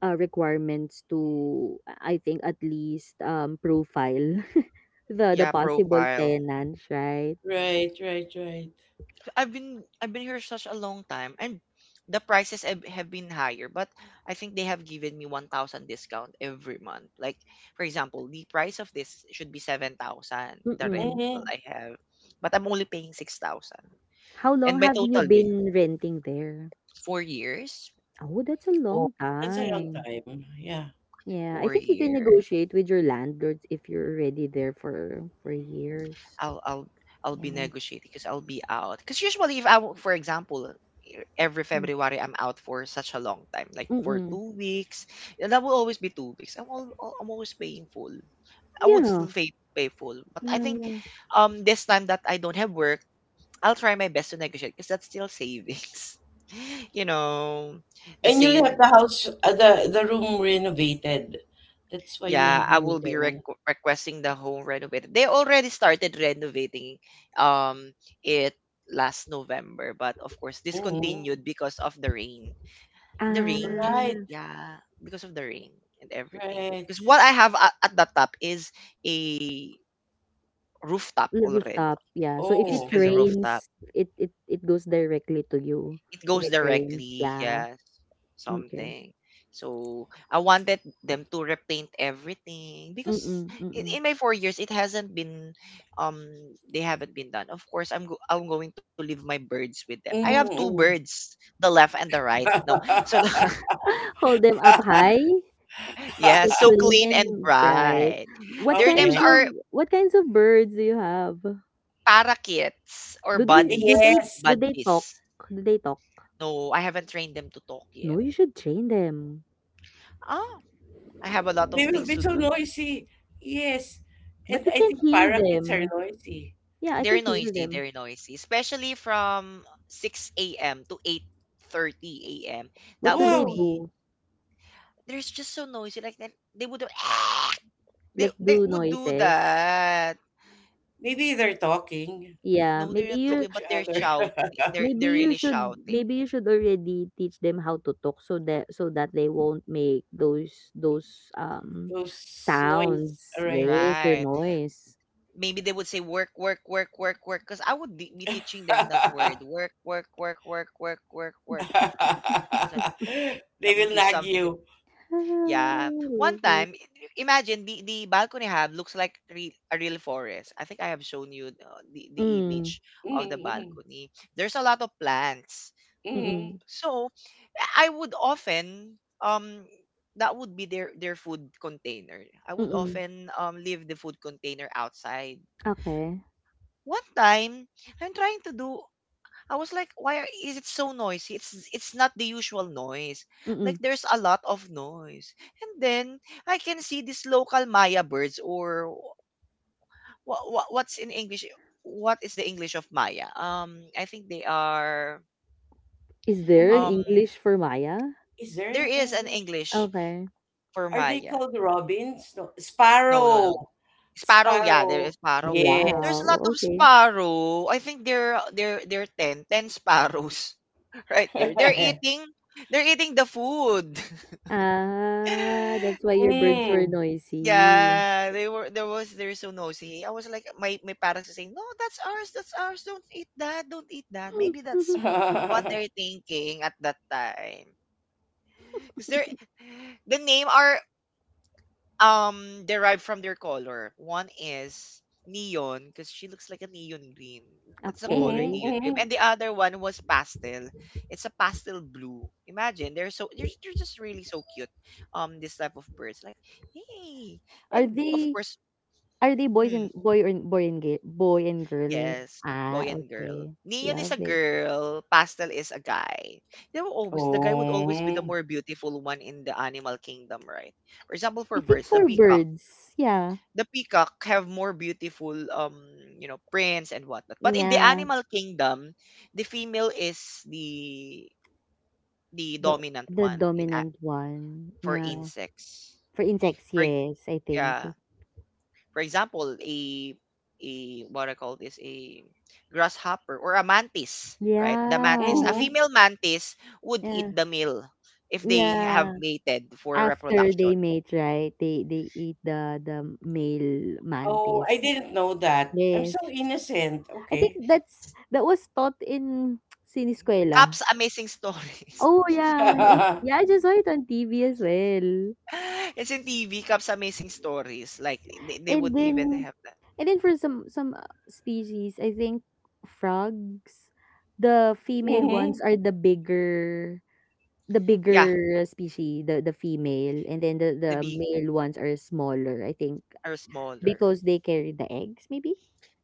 B: requirements to, I think, at least profile the
A: Yeah,
B: possible
A: profile.
B: tenants, right?
C: right, right, right.
A: I've been here such a long time and the prices have been higher, but I think they have given me 1,000 discount every month. Like, for example, the price of this should be 7,000, the rent
B: Mm-mm.
A: that
C: Mm-hmm.
A: I have, but I'm only paying 6,000.
B: How
A: And
B: long
A: my
B: have you
A: total bill,
B: been renting there?
A: 4 years,
B: Oh, that's a
C: Oh,
B: long
C: that's a long
B: time.
C: time. Yeah.
B: Yeah, I
A: four
B: think you can
A: year.
B: negotiate with your landlords if you're already there for years.
A: I'll I'll I'll be
B: Yeah.
A: negotiating because I'll be out. Because usually, if I, for example, every
B: Mm.
A: February I'm out for such a long time, like for
B: Mm-mm.
A: 2 weeks, and that will always be 2 weeks. I'm always paying full. I would still
B: Yeah.
A: pay full, but I
B: Yeah,
A: think
B: yeah.
A: this time that I don't have work, I'll try my best to negotiate because that's still savings. you know, the
C: And you'll
A: save.
C: have the house, the room renovated. That's why
A: Yeah,
C: maybe
A: I
C: you
A: will be
C: can.
A: requesting the home renovated. They already started renovating um it last November, but of course
C: Mm-hmm.
A: discontinued because of the rain. The rain,
C: Right,
B: Ah,
A: yeah, because of the rain and everything.
C: right.
A: Because what I have at the top is a rooftop
B: the
A: already.
B: rooftop. Yeah. So if
A: Is
B: it
C: Oh.
A: is a rooftop.
B: rains, it goes directly to you.
A: It
B: If
A: goes
B: it rains,
A: directly,
B: yeah.
A: yes,
B: Okay.
A: something. So I wanted them to repaint everything
B: Mm,
A: because, in,
B: mm.
A: in my 4 years it hasn't been, um they haven't been done. Of course I'm going to leave my birds with them. I have two
C: Mm-mm.
A: birds, the left and the right. No, so the,
B: Hold them up high,
A: yeah,
B: so
A: so
B: clean
A: clean and
B: and bright.
A: bright.
B: What
A: Their names
B: kinds
C: Okay.
B: of
A: are
B: birds do you have?
A: parakeets or
B: Do they do they
A: buddies,
C: Yes.
B: do they talk?
A: budgies.
B: Do they talk?
A: No, I haven't trained them to talk
B: No,
A: yet.
B: you should train them.
A: Ah, I have a lot of
C: They will
A: things
C: be
A: to
C: so
A: do.
C: noisy. Yes.
B: But
C: And
B: we
C: I
B: can't
C: think
B: hear
C: parakeets are
B: them.
C: noisy.
B: Yeah, I
A: They're
B: can hear
A: noisy.
B: them.
A: They're noisy, especially from 6 a.m. to 8:30 a.m.
B: What
A: That
B: do they
A: would
C: Wow.
A: be,
B: do?
A: there's just so noisy. Like that they would, they
B: Like
A: they
B: do
A: would do
B: noises.
A: that.
C: Maybe they're talking
B: Yeah,
A: No, they're
B: maybe
A: not
C: to
B: you
A: talking,
C: each
A: but they're
C: other.
A: shouting. They're
B: Maybe
A: they're
B: you
A: really
B: should
A: shouting.
B: maybe you should already teach them how to talk, so that they won't make those,
C: Those noise,
B: sounds.
C: right?
B: Yes, their
A: Right.
B: noise.
A: Maybe they would say work, work, work, work, work. Because I would be teaching them that word. Work, work, work, work, work, work, work. It's like
C: They
A: that would
C: will
A: be
C: nag
A: something that.
C: you.
B: I
A: Yeah. One
B: love it.
A: time, imagine the balcony I have looks like, a real forest. I think I have shown you the
B: Mm,
A: image of the
C: Mm-hmm.
A: balcony. There's a lot of plants.
C: Mm-hmm.
B: mm,
A: So, I would often that would be their food container. I would
B: mm,
A: often leave the food container outside.
B: okay,
A: One time, I'm trying to do I was like, why is it so noisy? It's not the usual noise. Like,
B: mm.
A: there's a lot of noise. And then I can see these local Maya birds or, what's in English? What is the English of Maya? I think they are,
B: Is there an
C: Mm-hmm.
A: um
B: English for Maya?
C: Is there
A: there
C: an
A: is an
C: English?
A: English
B: Okay.
A: for
C: Are they
A: Maya.
C: called robins? No,
A: No, no, no.
C: sparrow.
A: Sparrow, yeah, there
C: Sparrow.
A: is sparrow. There's a
C: Yes.
A: lot
B: Wow,
A: of
B: okay.
A: sparrow. I think there are 10, 10 sparrows right there. They're eating, the food.
B: Ah, that's why your birds were
C: Mm.
B: noisy.
A: Yeah, they're so nosy. I was like my parents are saying, "No, that's ours, that's ours. Don't eat that. Don't eat that." Maybe what
C: Mm-hmm.
A: they're thinking at that time. Cuz they the name are derived from their color. One is neon because she looks like a neon green. That's the color
B: Okay.
A: neon green. And
C: Mm-hmm.
A: the other one was pastel. It's a pastel blue. Imagine they're just really so cute. This type of birds like hey,
B: Are
A: and of
B: they
A: course.
B: Are they boys
A: Mm,
B: and boy or boy and girl, boy and girl?
A: yes, boy
B: Ah,
A: and girl.
B: okay.
A: Neon is
B: Love
A: a
B: it.
A: girl, pastel is a guy. They will always the guy would always be the
C: Oh.
A: more beautiful one in the animal kingdom, right? For example, for
B: I think
A: birds, the
B: for
A: peacock.
B: birds, yeah.
A: The peacock have more beautiful you know, prints and whatnot. But in the
B: Yeah,
A: animal kingdom, the female is the
B: the
A: dominant one
B: dominant one.
A: for
B: Yeah.
A: insects.
B: For insects,
A: For
B: yes, I think.
A: yeah, for example, a what I call this a grasshopper or a mantis, right? The mantis,
B: Yeah.
A: a
C: Mm-hmm.
A: female mantis would eat
B: Yeah.
A: the male if they have
B: Yeah.
A: mated for
B: After they
A: reproduction.
B: mate, right? They eat the male
C: Oh, I
B: mantis.
C: didn't know that. I'm
B: Yes.
C: so innocent.
B: I think
C: Okay.
B: that's that was taught in siniskwela.
A: Cap's Amazing Stories.
B: Oh yeah. Yeah, I
C: Mm-hmm.
B: just saw it on TV as well.
A: it's in TV, Cap's Amazing Stories. Like they
B: And
A: would
B: then
A: even have that.
B: and then for some species, I think, frogs, the female ones are the bigger the
A: Yeah,
B: bigger species, the female, and then the
A: the
B: the
A: big
B: male ones are smaller, I think,
A: are smaller.
B: because they carry the eggs, maybe.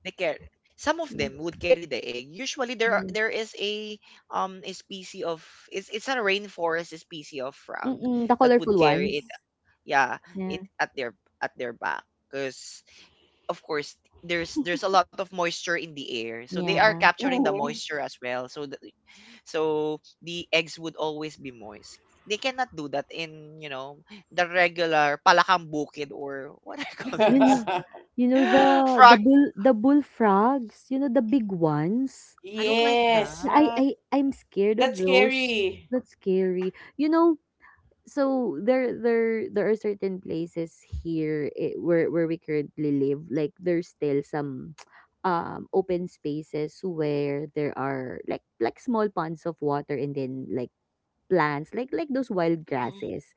A: They care. Some of
B: Yeah.
A: them would carry the egg. Usually,
B: Mm.
A: there is a species of it's a rainforest species of frog
B: Mm-mm, the
A: that would
B: colorful ones.
A: carry it. Yeah,
B: Yeah.
A: it at their back because of course there's a lot of moisture in the air, so they are
B: Yeah.
A: capturing the
C: Mm-hmm.
A: moisture as well. So the eggs would always be moist. They cannot do that in you know the regular palakang bukid or what I call
B: You
A: this
B: know, you know the the
A: frog.
B: bull the bullfrogs, you know, the big ones.
A: I don't like
C: Yes,
B: Yeah, I
A: that.
B: I I'm scared of
C: that's
B: those.
C: scary.
B: That's scary. You know, so there are certain places here, eh, where we currently live. Like, there's still some open spaces where there are like small ponds of water, and then, like, plants like those wild
A: Mm.
B: grasses,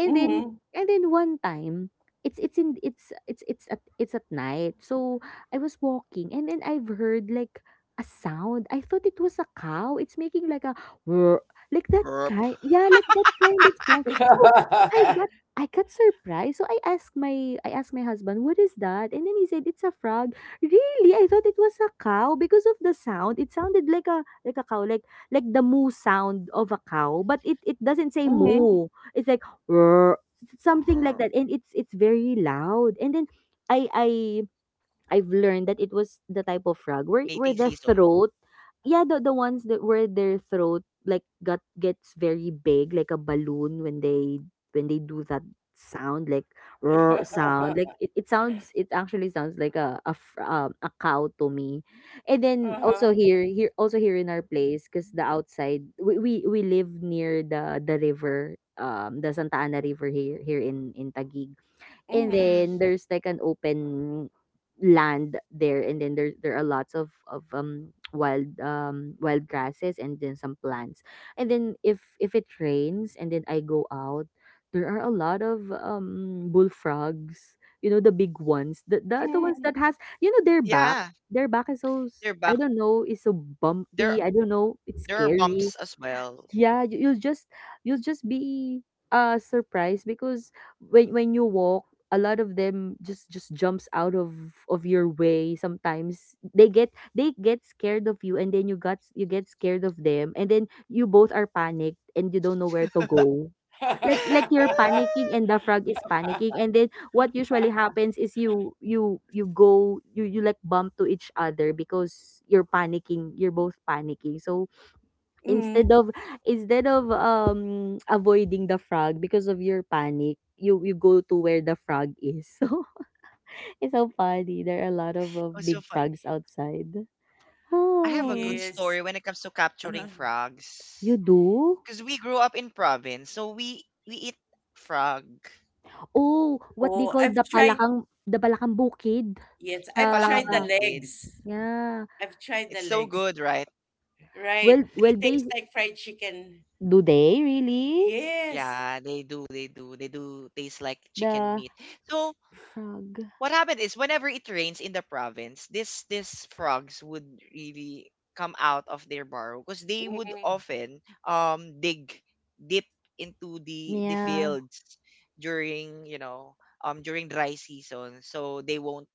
B: and then
C: Mm-hmm.
B: one time, it's in it's it's at night. So I was walking, and then I've heard like a sound. I thought it was a cow. It's making like a whir- like that
A: Europe.
B: kind, yeah, like that kind of sound. So I got, I got surprised. So I asked my, husband, "What is that?" And then he said, "It's a frog." Really? I thought it was a cow because of the sound. It sounded like a cow, like the moo sound of a cow, but it doesn't say
A: Mm.
C: Mm-hmm.
B: moo. It's like, "Rrr," something like
A: Or
B: that, and it's very loud. And then I I I've learned that it was the type of frog where
A: mating
B: the
A: season.
B: throat, yeah, the ones that, where their throat, like, got gets very big, like a balloon, when they do that sound, like roar sound. Like, it actually sounds like a a cow to me. And then also,
C: Uh-huh.
B: here in our place, 'cause the outside, we live near the river, the Santa Ana River here in Taguig. And
C: Mm-hmm.
A: Mm.
B: then there's like an open land there, and then there are lots of wild, wild grasses, and then some plants. And then, if it rains and then I go out, there are a lot of bullfrogs, you know, the big ones. The ones that
C: Mm-hmm.
B: has, you know, their back.
A: Yeah,
B: Their back is
A: they're back.
B: I don't know, is so
A: There,
B: bumpy. I don't know. It's
A: there are bumps
B: scary.
A: as well.
B: Yeah, you'll just, be surprised, because when you walk, a lot of them just jumps out of your way. Sometimes they get scared of you, and then you get scared of them, and then you both are panicked, and you don't know where to go, like, you're panicking and the frog is panicking. And then, what usually happens is, you go you you like bump to each other, because you're panicking, you're both panicking. So,
C: Mm,
B: instead of, avoiding the frog because of your panic, you go to where the frog is. So it's so funny. There are a lot of
A: Oh, so
B: big
A: fun.
B: frogs outside.
A: I have a good
B: Oh,
A: story
C: yes.
A: when it comes to capturing
C: Uh-huh.
B: you
A: frogs.
B: do.
A: Because we grew up in province, so we eat frog.
B: Oh, what they
C: Oh,
B: call
C: I've
B: the
C: tried.
B: palakang, the palakang bukid.
C: Yes,
A: The
C: I've
A: palakang
C: tried the
B: uh,
A: bukid.
C: legs.
B: yeah,
C: I've tried
A: It's
C: the
A: so
C: legs.
A: good, right?
B: well
C: Right. They
B: well
C: taste
B: they,
C: like fried chicken.
B: do they really,
C: Yes.
A: Yeah, they do taste like chicken
B: the
A: meat. So
B: frog,
A: what happened is whenever it rains in the province, this these frogs would really come out of their burrow because they would
C: Mm-hmm.
A: often dig deep into the
B: yeah.
A: fields during you know during dry season so they won't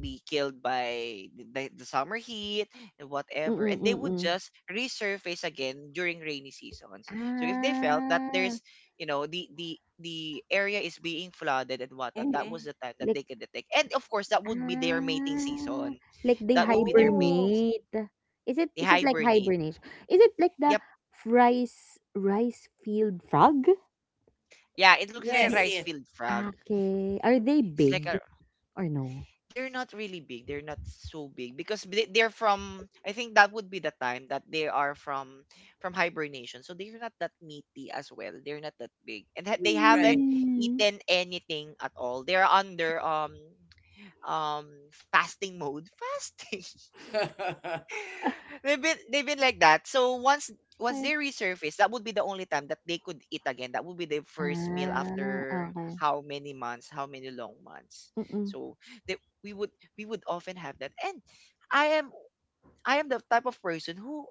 A: be killed by the summer heat and
B: Mm,
A: whatever
B: mm
A: and they
B: mm
A: would
B: mm.
A: just resurface again during rainy seasons so if they felt that
B: Ah,
A: there's you know the area is being flooded and whatnot that was
C: Mm-hmm.
A: the time that
B: like.
A: they could detect and of course that would be their mating
B: Ah,
A: season.
B: like they
A: That would be their mating s-
C: Oh,
B: hibernate. Is it
A: They
B: is it like
A: hibernate.
B: hibernation? Is it like
A: Yep,
B: the rice field frog?
A: yeah it looks like a
C: yes,
B: They —
A: rice
C: yes.
A: field frog.
B: okay. Are they
A: It's like
B: big
A: a
B: or no?
A: they're not really big. They're not so big because they're from. I think that would be the time that they are from hibernation. So they're not that meaty as well. They're not that big, and they haven't
C: Right.
B: Mm,
A: eaten anything at all. They're under um fasting mode. Fasting. They've been like that. So once
B: okay.
A: they resurface, that would be the only time that they could eat again. That would be their first meal
B: Ah,
A: after
B: okay.
A: how many months, how many long months.
B: Mm-mm.
A: So they, we would we would often have that. And I am I am the type of person who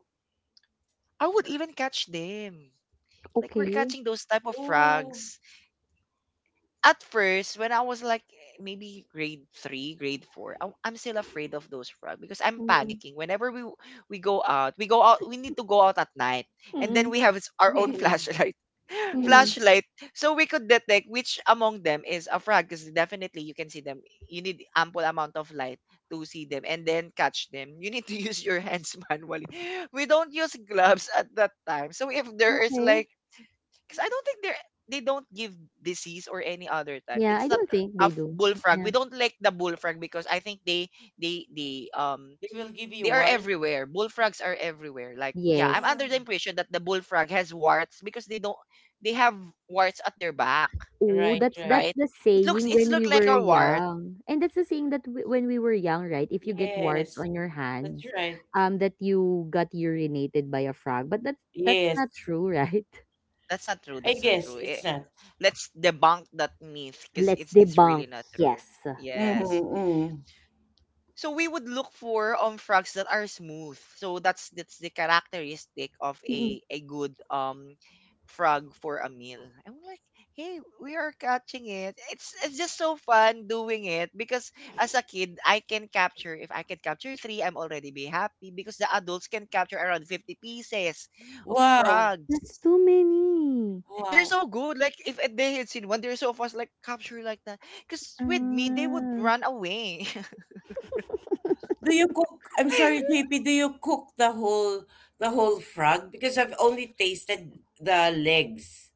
A: I would even catch them. Like we're
B: Okay.
A: catching those type of
C: Oh,
A: frogs. At first, when I was like maybe grade three, grade four, I'm still afraid of those frogs because I'm
B: Mm-mm.
A: panicking. Whenever we go out, we go out. We need to go out at night, and then
B: Mm-mm.
A: we have our own
C: they
A: flashlight,
B: Mm.
A: flashlight, so we could detect which among them is a frog. Because definitely you can see them. You need ample amount of light to see them and then catch them. You need to use your hands manually. We don't use gloves at that time, so if there is
B: Okay.
A: like because I don't think they're they don't give disease or any other type.
B: Yeah,
A: It's
B: I
A: not
B: don't think
A: a
B: they
A: f-
B: do.
A: bullfrog.
B: Yeah.
A: We don't like the bullfrog because I think they
C: will give
A: they
C: you
A: are
C: award.
A: everywhere. Bullfrogs are everywhere. Like yeah, I'm under the
B: Yes.
C: Oh,
A: impression that the bullfrog has warts because they don't they have warts at their back,
B: Oh,
C: right,
B: that's
C: right.
B: that's
A: right?
B: the
A: It looks
B: saying
A: it's
B: when we
A: look like
B: were
A: a wart.
B: young. And that's the saying that, when we were young, right? If you get warts
C: Yes,
B: on your
C: that's
B: hands,
C: right.
B: that you got urinated by a frog. But that's
C: Yes,
B: not true, right?
A: That's not true.
C: I
A: That's not
C: guess
A: true.
C: it's not.
A: Let's debunk that myth because
B: Let's
A: it's
B: debunk.
A: really not true.
B: Yes.
A: Yes.
C: Mm-hmm.
A: So we would look for frogs that are smooth. So that's the characteristic of
B: Mm-mm.
A: a good frog for a meal. I'm like, hey, we are catching it. It's just so fun doing it because as a kid, I can capture if I can capture three, I'm already be happy because the adults can capture around 50 pieces of
C: Wow,
A: frogs.
B: That's too many.
A: They're
C: wow.
A: so good. Like if they had seen one, they're so fast. Like capture like that. Because with me, they would
B: Uh,
A: run away.
C: Do you cook? I'm sorry, JP. Do you cook the whole frog? Because I've only tasted the legs.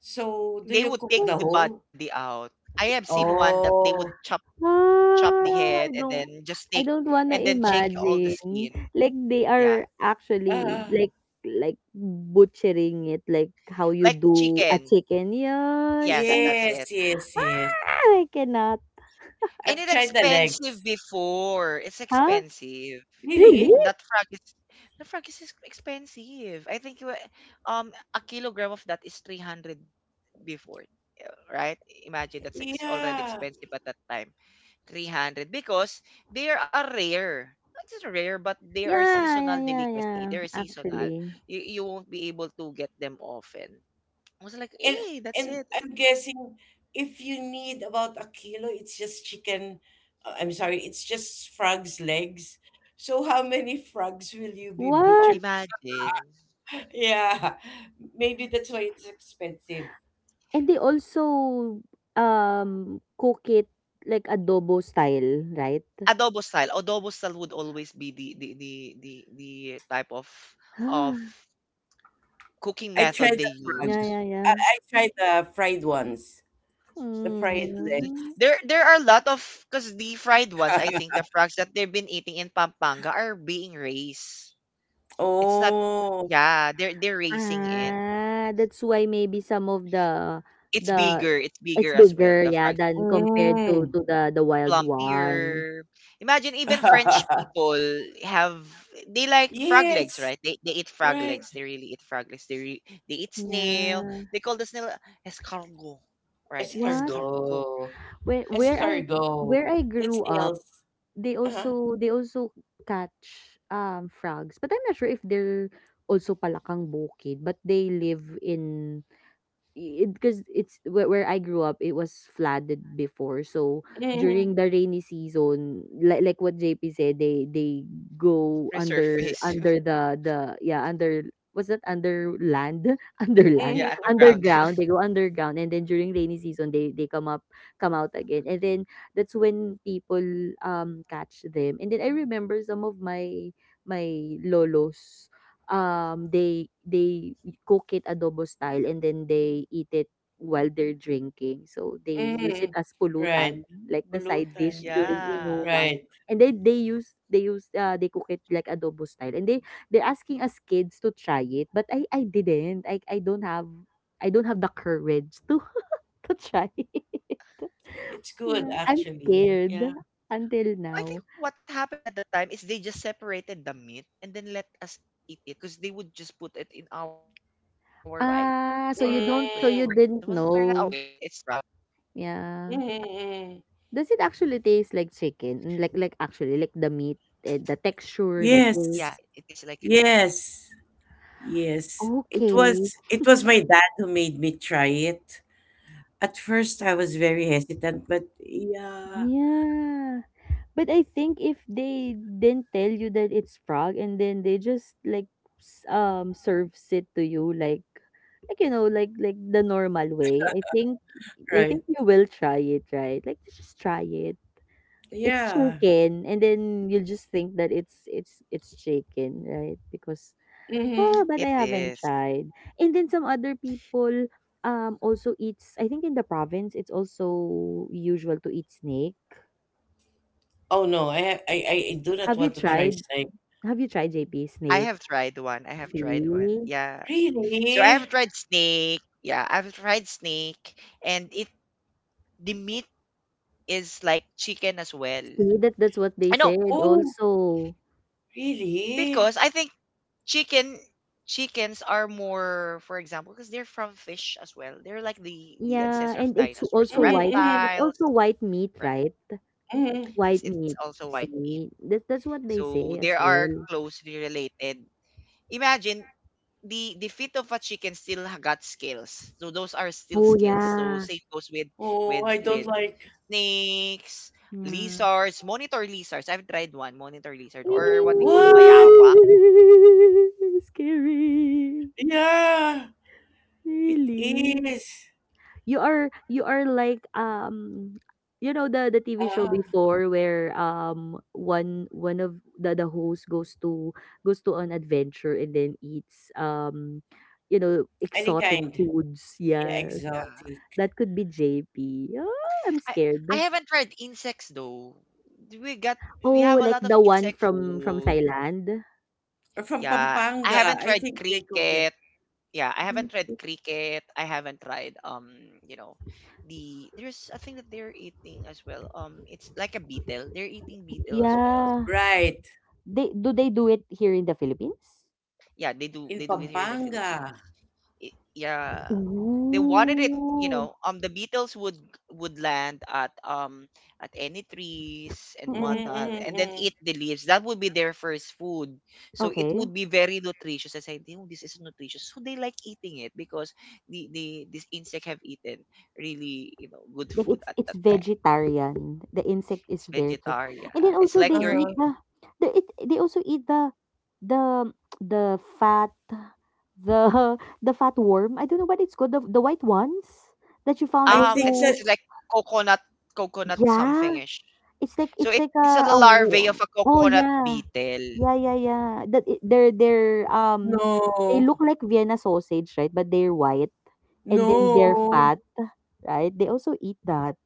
C: So, do
A: They
C: you
A: would
C: cook
A: take
C: the
A: the
C: whole?
A: body out. I have seen one that they would
C: Oh,
A: chop the
B: Ah,
A: head
B: I
A: and
B: don't
A: then just take
B: I don't
A: and
B: wanna
A: then shake all the
B: imagine.
A: skin.
B: Like, they
A: Yeah.
B: are actually,
C: ah,
B: like, butchering it, like how you
A: Like
B: do a
A: chicken.
B: chicken. Yikes,
A: Yes, that's
C: yes,
A: it.
C: yes, yes.
B: I cannot.
A: And
C: I've
A: it's
C: tried the
A: expensive
C: legs.
A: before. It's
B: Huh?
A: expensive.
B: Really?
C: Really?
A: That frog is the frog is ex- expensive. I think a kilogram of that is 300 before. Yeah, right? Imagine that's already
C: Yeah.
A: expensive at that time. 300 because they are a rare. Not just rare, but they are
B: Yeah,
A: seasonal
B: yeah, yeah,
A: delicacy. They're
B: yeah,
A: seasonal.
B: actually.
A: You won't be able to get them often. I was like,
C: And
A: hey, that's it.
C: and I'm guessing if you need about a kilo, it's just chicken. Uh, I'm sorry, it's just frogs' legs. So how many frogs will you be
B: What?
C: butchered?
A: Imagine.
C: Yeah, maybe that's why it's expensive.
B: And they also, cook it like adobo style, right?
A: Adobo style. Adobo style would always be the type of cooking
C: I
A: method
C: tried
A: they
C: the frog.
B: Yeah,
A: use.
B: yeah,
C: I,
B: yeah.
C: I tried the fried ones, the fried
B: Mm.
C: legs.
A: There are a lot of because the fried ones, I think the frogs that they've been eating in Pampanga are being raised. It's not
C: Oh,
A: yeah, they're raising it.
B: Ah, that's why maybe some of the the
A: It's
B: it's
A: bigger as well.
B: bigger,
A: The
B: yeah,
A: frogs are
B: than compared to
C: mm.
B: to the wild one.
A: plumpier. Imagine even French people have they like frog legs,
C: yes,
A: right? They eat frog
C: right.
A: legs. They really eat frog legs. They eat snail.
B: Yeah.
A: They call the snail escargot, right?
B: What?
A: Escargot.
C: Escargot,
B: Where where
A: It's like
B: I
C: escargot. That's
B: grew up,
C: nails.
B: they
C: Uh-huh.
B: also, catch frogs, but I'm not sure if they're also palakang bukid, but they live in, because it's where, I grew up, it was flooded before. So
C: Mhm.
B: during the rainy season, like, what JP said, they go under,
A: resurface.
B: under the yeah, under — was that under land? Under land,
C: Mhm,
A: yeah,
C: mhm,
A: underground.
B: underground. They go underground, and then during rainy season, they come out again. And then, that's when people catch them. And then I remember some of my lolos, they cook it adobo style and then they eat it while they're drinking. So they use it
C: mhm.
B: as
C: Right.
B: pulutan, like the side dish
C: Pulutan.
B: during
A: Yeah.
B: inuman.
C: Right.
B: And they cook it like adobo style. And they're asking us kids to try it, but I didn't. I don't have the courage to to try it.
C: It's good
B: Yeah, I'm
C: actually.
B: scared
C: Yeah.
B: until
A: I
B: now.
A: think what happened at that time is they just separated the meat and then let us eat it because they would just put it in our rice at the top of our rice when
B: Ah,
A: we
B: so
A: were
B: you
A: kids. I
B: don't,
A: wasn't,
B: so
A: We're
B: you
C: Mm.
A: not
B: didn't
A: aware that it's
B: know.
A: frog.
C: Mhm,
B: Yeah.
C: mhm.
B: Does it actually taste like chicken? Like, actually, like, the meat and the texture, the
A: Yeah,
C: Yes.
B: taste?
A: it is like a,
C: Yes. Yes.
B: Okay.
C: It was my dad who made me try it. At first I was very hesitant, but yeah.
B: Yeah. But I think if they didn't tell you that it's frog, and then they just like, serves it to you like, you know, like, the normal way, I think,
C: Right.
B: you will try it, right? Like, just try it. It's
C: Yeah.
B: chicken, and then you'll just think that it's chicken, right? Because,
C: Mm-hmm.
B: but
A: it
B: I haven't
A: is.
B: tried. And then, some other people also eats. I think in the province, it's also usual to eat snake.
C: Oh no, I, ha- I do not
B: Have you
C: want to try
B: tried?
C: steak.
B: Have you tried, JP,
A: I
B: snake?
A: have tried one. I have tried one.
B: See,
A: Yeah. So I have
C: Really?
A: tried snake. Yeah, I've tried snake, and it the meat is like chicken as well.
B: see, that's what they
A: I know
B: said.
C: Oh,
B: Also,
C: really?
A: because I think chicken chickens are more, for example, because they're from fish as well. They're like the
B: yeah,
A: ancestor of
B: and it's
A: dinosaurs, so
B: also white.
C: Mm-hmm,
B: It's
A: reptiles.
B: also white meat,
A: Re-
B: right?
C: mm-hmm.
B: White
A: it's
B: meat.
A: also white meat,
B: See, that's what they say
A: so they
B: as
A: are
B: well.
A: closely related. Imagine the feet of a chicken still got scales. So those are still
B: Oh
A: scales. So
B: yeah.
A: same goes with
C: Oh,
A: with
C: I don't
A: with
C: like.
A: snakes,
B: Yeah.
A: lizards, monitor lizards. I've tried one, monitor lizard or what they call
C: What?
A: bayawak.
B: Scary.
C: Yeah, it
B: Really?
C: is.
B: You are like, you know the TV show
C: Uh,
B: before, where, one, of the host goes to, an adventure, and then eats, you know,
C: any
B: exotic
C: kind.
B: foods.
C: Yeah,
B: Yes.
A: Yeah.
C: exotic.
B: That could be JP. Ah, I'm
A: I I
B: scared.
A: haven't tried insects though. We got we
B: Oh,
A: have a
B: like
A: lot of
B: the one
A: insect
B: from
A: food.
B: Thailand.
C: Or from
A: Yeah, I
C: Pampanga.
A: haven't
C: I
A: tried
C: think they cook it.
A: cricket. Yeah, I haven't tried cricket. I haven't tried you know, there's a thing that they're eating as well. It's like a beetle. They're eating beetle as well.
B: Yeah.
C: Right.
B: They do, it here in the Philippines?
A: Yeah they
C: In
A: do it here in the
C: Pampanga.
A: Philippines. It, yeah they wanted it you
B: Ooh.
A: know the beatles would land at any trees and
B: Mm,
A: whatnot and then
C: Mm-mm-mm.
A: eat the leaves that would be their first food so it
B: okay.
A: would be very nutritious. I said oh, this is nutritious so they like eating it because the this insect have eaten really you know good
B: Like, it's
A: food at
B: it's
A: that time.
B: vegetarian. The insect is
A: It's
B: veget and
A: vegetarian.
B: then also
A: It's
B: they
A: like
B: eat
A: your
C: Uh,
B: the, it, they also eat the the fat, the the fat worm. I don't know what it's called. The white ones that you found
C: I think
B: also.
C: that.
A: it's like coconut coconut
B: Yeah,
A: somethingish.
B: it's like
A: So it's a
B: a
A: larvae of
B: worm.
A: a
B: Oh
A: coconut
B: yeah.
A: beetle.
B: Yeah, yeah, yeah. That I- they're they
C: No.
B: look like Vienna sausage, right? But they're white and then they're
C: No.
B: fat, right? They also eat that.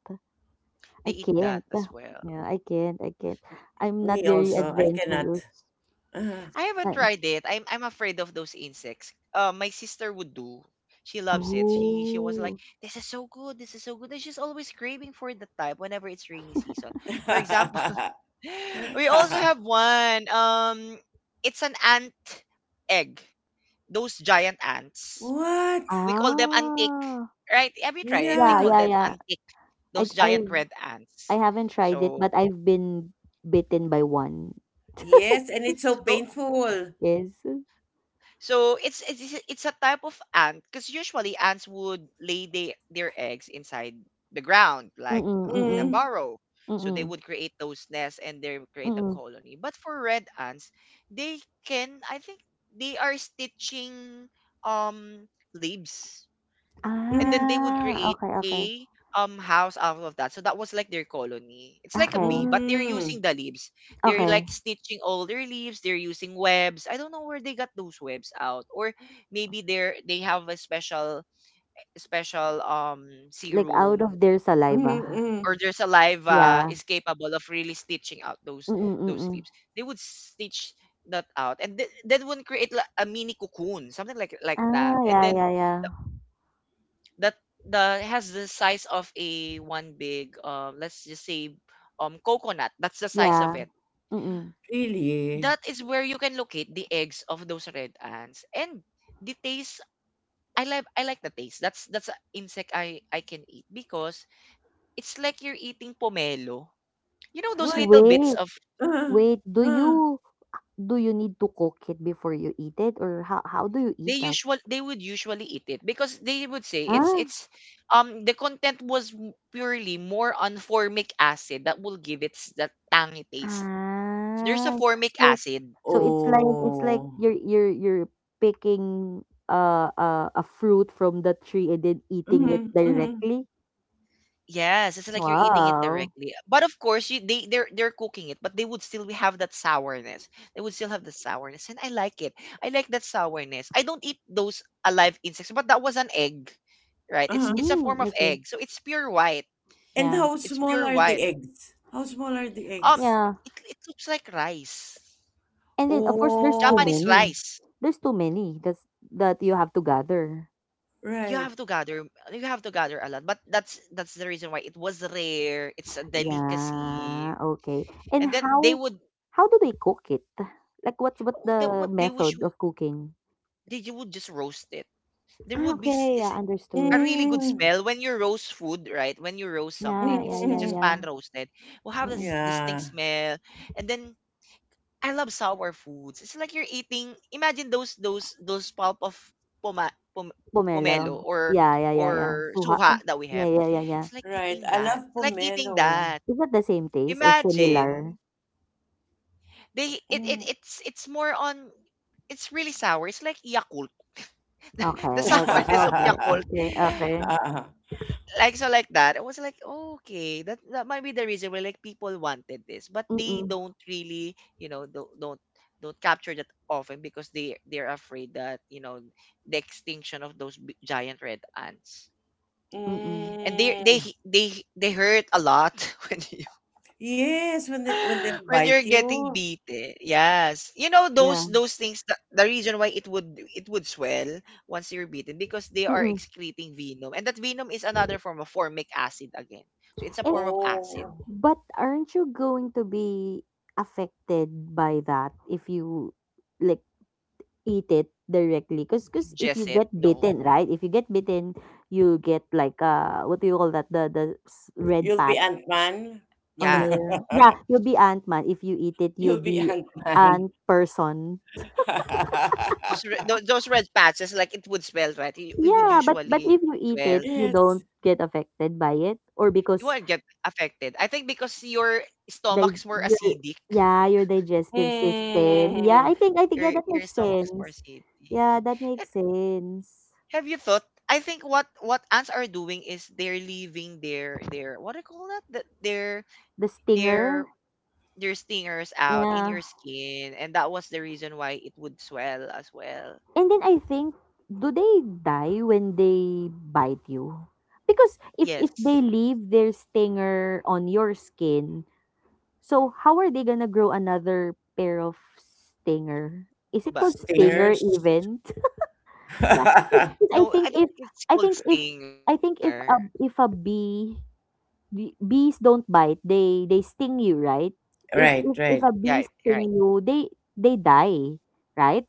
B: I
A: They eat
B: can't.
A: that as well.
B: Yeah, I can't. I can't. I'm
C: Me
B: not very
C: also.
A: S-
C: I cannot.
B: adventurous.
C: Uh.
A: I haven't
B: Um,
A: tried it. I'm afraid of those insects. My sister would do. She loves it. She was like,
B: oh.
A: "This is so good. This is so good." And she's always craving for the type whenever it's rainy season. For example, we also have one. It's an ant egg. Those giant ants.
C: What?
A: We call them antique,
B: Ah.
A: right? Have you tried it? They
B: Yeah,
A: call
C: Yeah.
B: yeah,
A: them
B: yeah.
A: antique.
B: I
A: Those
B: I
A: giant red
B: I
A: ants.
B: haven't tried it,
A: So
B: but I've been bitten by one.
C: Yes, and it's so
A: so tho-
C: painful.
B: Yes.
A: So it's it's a type of ant because usually ants would lay their eggs inside the ground, like
B: Mm-mm,
A: in a
B: mm-mm,
C: Mm.
A: burrow. So they
B: mm-mm,
A: would create those nests and they would create a
B: mm-mm.
A: colony. But for red ants, they can I think they are stitching um leaves and then they
C: Hmm.
A: would
B: Ah,
A: create
B: okay, okay.
A: a house out of that. So that was like their colony. It's like a bee,
B: Okay.
A: but they're
C: Mm,
A: using the leaves. They're
B: Okay.
A: like stitching all their leaves. They're using webs. I don't know where they got those webs out, or maybe they have a special
B: Like, out of
A: serum.
B: their saliva.
C: mm-mm.
A: Or their saliva
B: Yeah.
A: is capable of really stitching out those
B: Mm,
A: those
B: mm.
A: leaves. They would stitch that out, and that would create like a mini cocoon, something like
B: Ah,
A: that. And
B: yeah,
A: then
B: yeah, yeah.
A: that the has the size of a one big let's just say coconut. That's the size of
B: Yeah.
A: it.
B: Mm.
A: That
C: Really?
A: is where you can locate the eggs of those red ants. And the taste, I like the taste. That's an insect I can eat, because it's like you're eating pomelo, you know those
C: What?
A: little bits
B: Wait,
A: of
C: Uh-huh,
B: wait. Do
C: uh.
B: you do you need to cook it before you eat it, or how do you
A: They
B: eat that?
A: usual they would usually eat it because they would say
B: Huh?
A: it's the content was purely more on formic acid that will give it that tangy taste. There's a
B: Ah.
A: formic
B: So
A: acid.
B: so it's like
C: Oh.
B: you're picking, a fruit from the tree, and then eating it
C: Mm-hmm, mm-hmm,
B: directly.
A: Yes, it's like you're eating it
B: Wow.
A: directly. But of course, they they're cooking it, but they would still have that sourness. They would still have the sourness, and I like it. I like that sourness. I don't eat those alive insects, but that was an egg, right? It's
C: uh-huh.
A: it's a form
B: Hmm.
A: of
B: Okay.
A: egg, so it's pure white.
C: And
B: Yeah.
C: how
A: It's
C: small
A: pure
C: are the
A: white.
C: eggs? How small are the
A: Um,
C: eggs?
B: Yeah.
A: it looks like rice,
B: And then, of course, there's too
A: Japanese
C: Oh,
B: many.
A: rice.
B: There's too many that's that you have to gather.
A: You
C: right.
A: have to gather. You have to gather a lot, but that's the reason why it was rare. It's a
B: Yeah,
A: delicacy,
B: okay. And
A: and then they
B: how
A: would—
B: how do they cook it? Like, what's what
A: Oh, that what
B: the
A: they wish
B: method
A: you—
B: of cooking?
A: they, you would just roast it. There
B: Ah,
A: would be s-
B: okay, yeah,
A: is a
B: understood.
A: really good
C: Mm,
A: smell when you roast food, right? When you roast
C: mm,
A: something,
B: Yeah, yeah,
C: mm,
A: it's
B: yeah,
A: just
C: mm.
A: pan
B: yeah.
A: roasted. Will have this
B: Mm-mm.
A: distinct
C: Yeah,
A: smell, and then I love sour foods. It's like you're eating. Imagine those pulp of poma, pom,
B: Pomelo.
A: pomelo,
B: Yeah, yeah, yeah, yeah.
A: or
B: Suha.
A: suha that we have.
B: Yeah, yeah, yeah,
A: It's
B: yeah.
A: like
C: right.
A: eating
C: I
A: that.
C: love
A: It's like eating
C: pomelo.
A: that.
B: Is that the same taste or similar?
A: Imagine they—
C: Mm.
A: it's more on— it's really sour. It's like Yakult.
B: Okay,
A: The
B: okay,
A: sourness of
B: okay,
A: Yakult.
B: okay, okay.
A: Like, so like that. I was like, okay, that, that might be the reason why, like, people wanted this, but they
B: Mm-mm,
A: don't really, you know, don't capture that often because they're afraid that, you know, the extinction of those giant red ants.
B: mm-mm.
A: And they they
C: Mm.
A: they they hurt a lot when
C: Yes, when they when they
A: when
C: bite
A: you're getting
C: you.
A: beaten. Yes. You know those—
B: Yeah.
A: the reason why it would swell once you're beaten, because they are
B: Mm-mm.
A: excreting venom, and that venom is another form of formic acid again. So it's a form of acid.
C: Oh.
B: But aren't you going to be affected by that if you, like, eat it directly? 'Cause if you
A: Ingest
B: get
A: it, no.
B: bitten, right? If you get bitten, you get like, what do you call that? The red
C: You'll be
B: pat
C: Ant-Man.
B: on
A: Yeah.
B: your, yeah. You'll be ant man if you eat it. You'll
C: You'll be
B: be
C: Ant-Man.
B: ant person.
A: Just those red patches, like it would swell, right? It would
B: Yeah, but if
A: usually
B: you eat
A: swell.
B: it, you
C: Yes.
B: don't get affected by it, or
A: You
B: because,
A: won't get affected. I think because your
B: they
A: stomach's more
B: your,
A: acidic.
B: yeah, your digestive system. Yeah,
C: Mm.
B: I think, yeah, that
A: Your
B: makes
A: stomach's more
B: sense.
A: acidic.
B: Yeah, that makes sense.
A: Have you thought? I think what ants are doing is they're leaving their what do you call that? Their
B: The stinger.
A: their stingers out in
B: Yeah.
A: your skin, and that was the reason why it would swell as well.
B: And then I think, do they die when they bite you? Because if they
A: Yes,
B: leave their stinger on your skin, so how are they gonna grow another pair of
A: they would, but they would
B: stinger?
A: die
B: Is it
A: after
B: called
A: that.
B: stinger
C: Stairs.
B: event? Yeah. 'Cause
A: No,
B: I
A: I don't
B: think if
A: think it's
B: I
A: called
B: think if
A: stinger.
B: I think if a bee the bees don't bite. They sting you, right? If
C: Right,
B: if if
C: right.
A: Yeah,
B: a bee
A: right.
B: sting you, they die, right?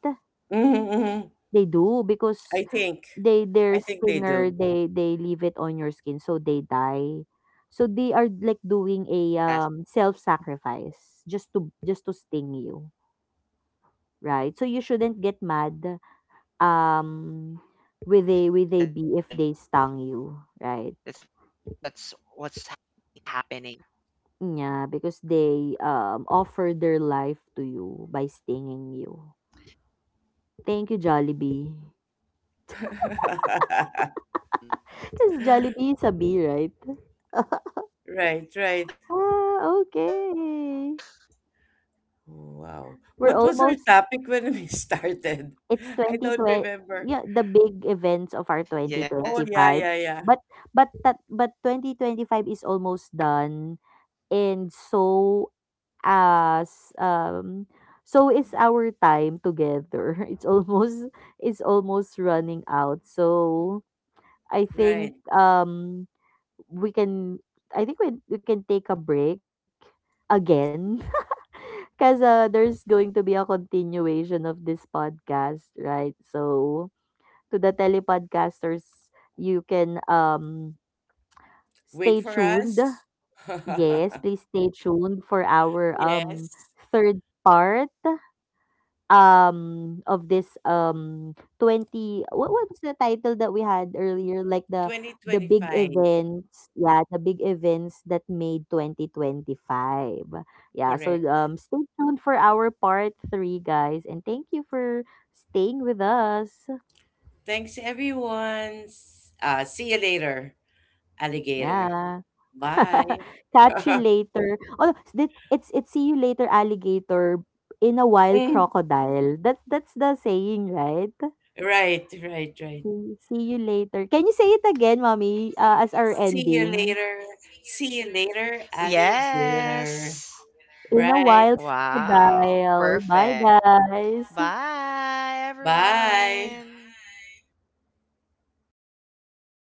C: Mhm, mhm.
B: They do, because
C: I think.
B: they, their
C: I think they
B: stinger,
C: do.
B: they leave it on your skin, so they die. So they are
A: Yes,
B: like doing a, self sacrifice, just to, sting you, right? So you shouldn't get mad,
A: exactly.
B: um with
A: That's
B: a,
A: that's
B: bee if they
A: what's
B: stung
A: happening
B: you,
A: there.
B: right? Yeah, because they, offer their life to you by stinging you. Thank you, Jollibee. Because Jollibee is a bee, right?
A: Woo!
C: Right, right.
B: Ah, okay.
C: Wow.
B: We're
C: What was our
B: almost,
C: topic when we started?
B: it's
C: I don't
B: 2020,
C: remember.
A: Yes,
B: yeah, the big events of our
C: Oh, yeah,
B: 2025.
C: yeah, yeah.
B: But, 2025 is almost done. And so, as, so
A: exactly,
B: is our time
A: exactly.
B: together.
A: All
B: It's almost, running out. So, I think,
C: Right.
B: we can we can take a break again. Because, there's going to be a continuation of this podcast, right? So, to the telepodcasters, you can,
C: Wait
B: stay
C: for
B: tuned.
C: us.
B: Yes, please stay tuned for our,
C: Yes.
B: third part of this, 20 — what, was the title that we had earlier, like, the, big
C: 2025.
B: events, yeah, the big events that made 2025? Yeah. So,
C: Correct.
B: stay tuned for our part 3, guys, and thank you for staying with us.
C: Thanks, everyone. S- see you later, alligator.
B: Yeah.
C: Bye.
B: Catch you later. Oh, it's, see you later, alligator, in a while,
C: Mm,
B: crocodile. That, that's the saying, right?
C: right, right, right.
B: See you later. Can you say it again, mommy, as our
C: See you
B: ending?
C: later. See you later, alligator.
B: In a
C: Right.
B: while, crocodile. Bye, guys.
C: Bye.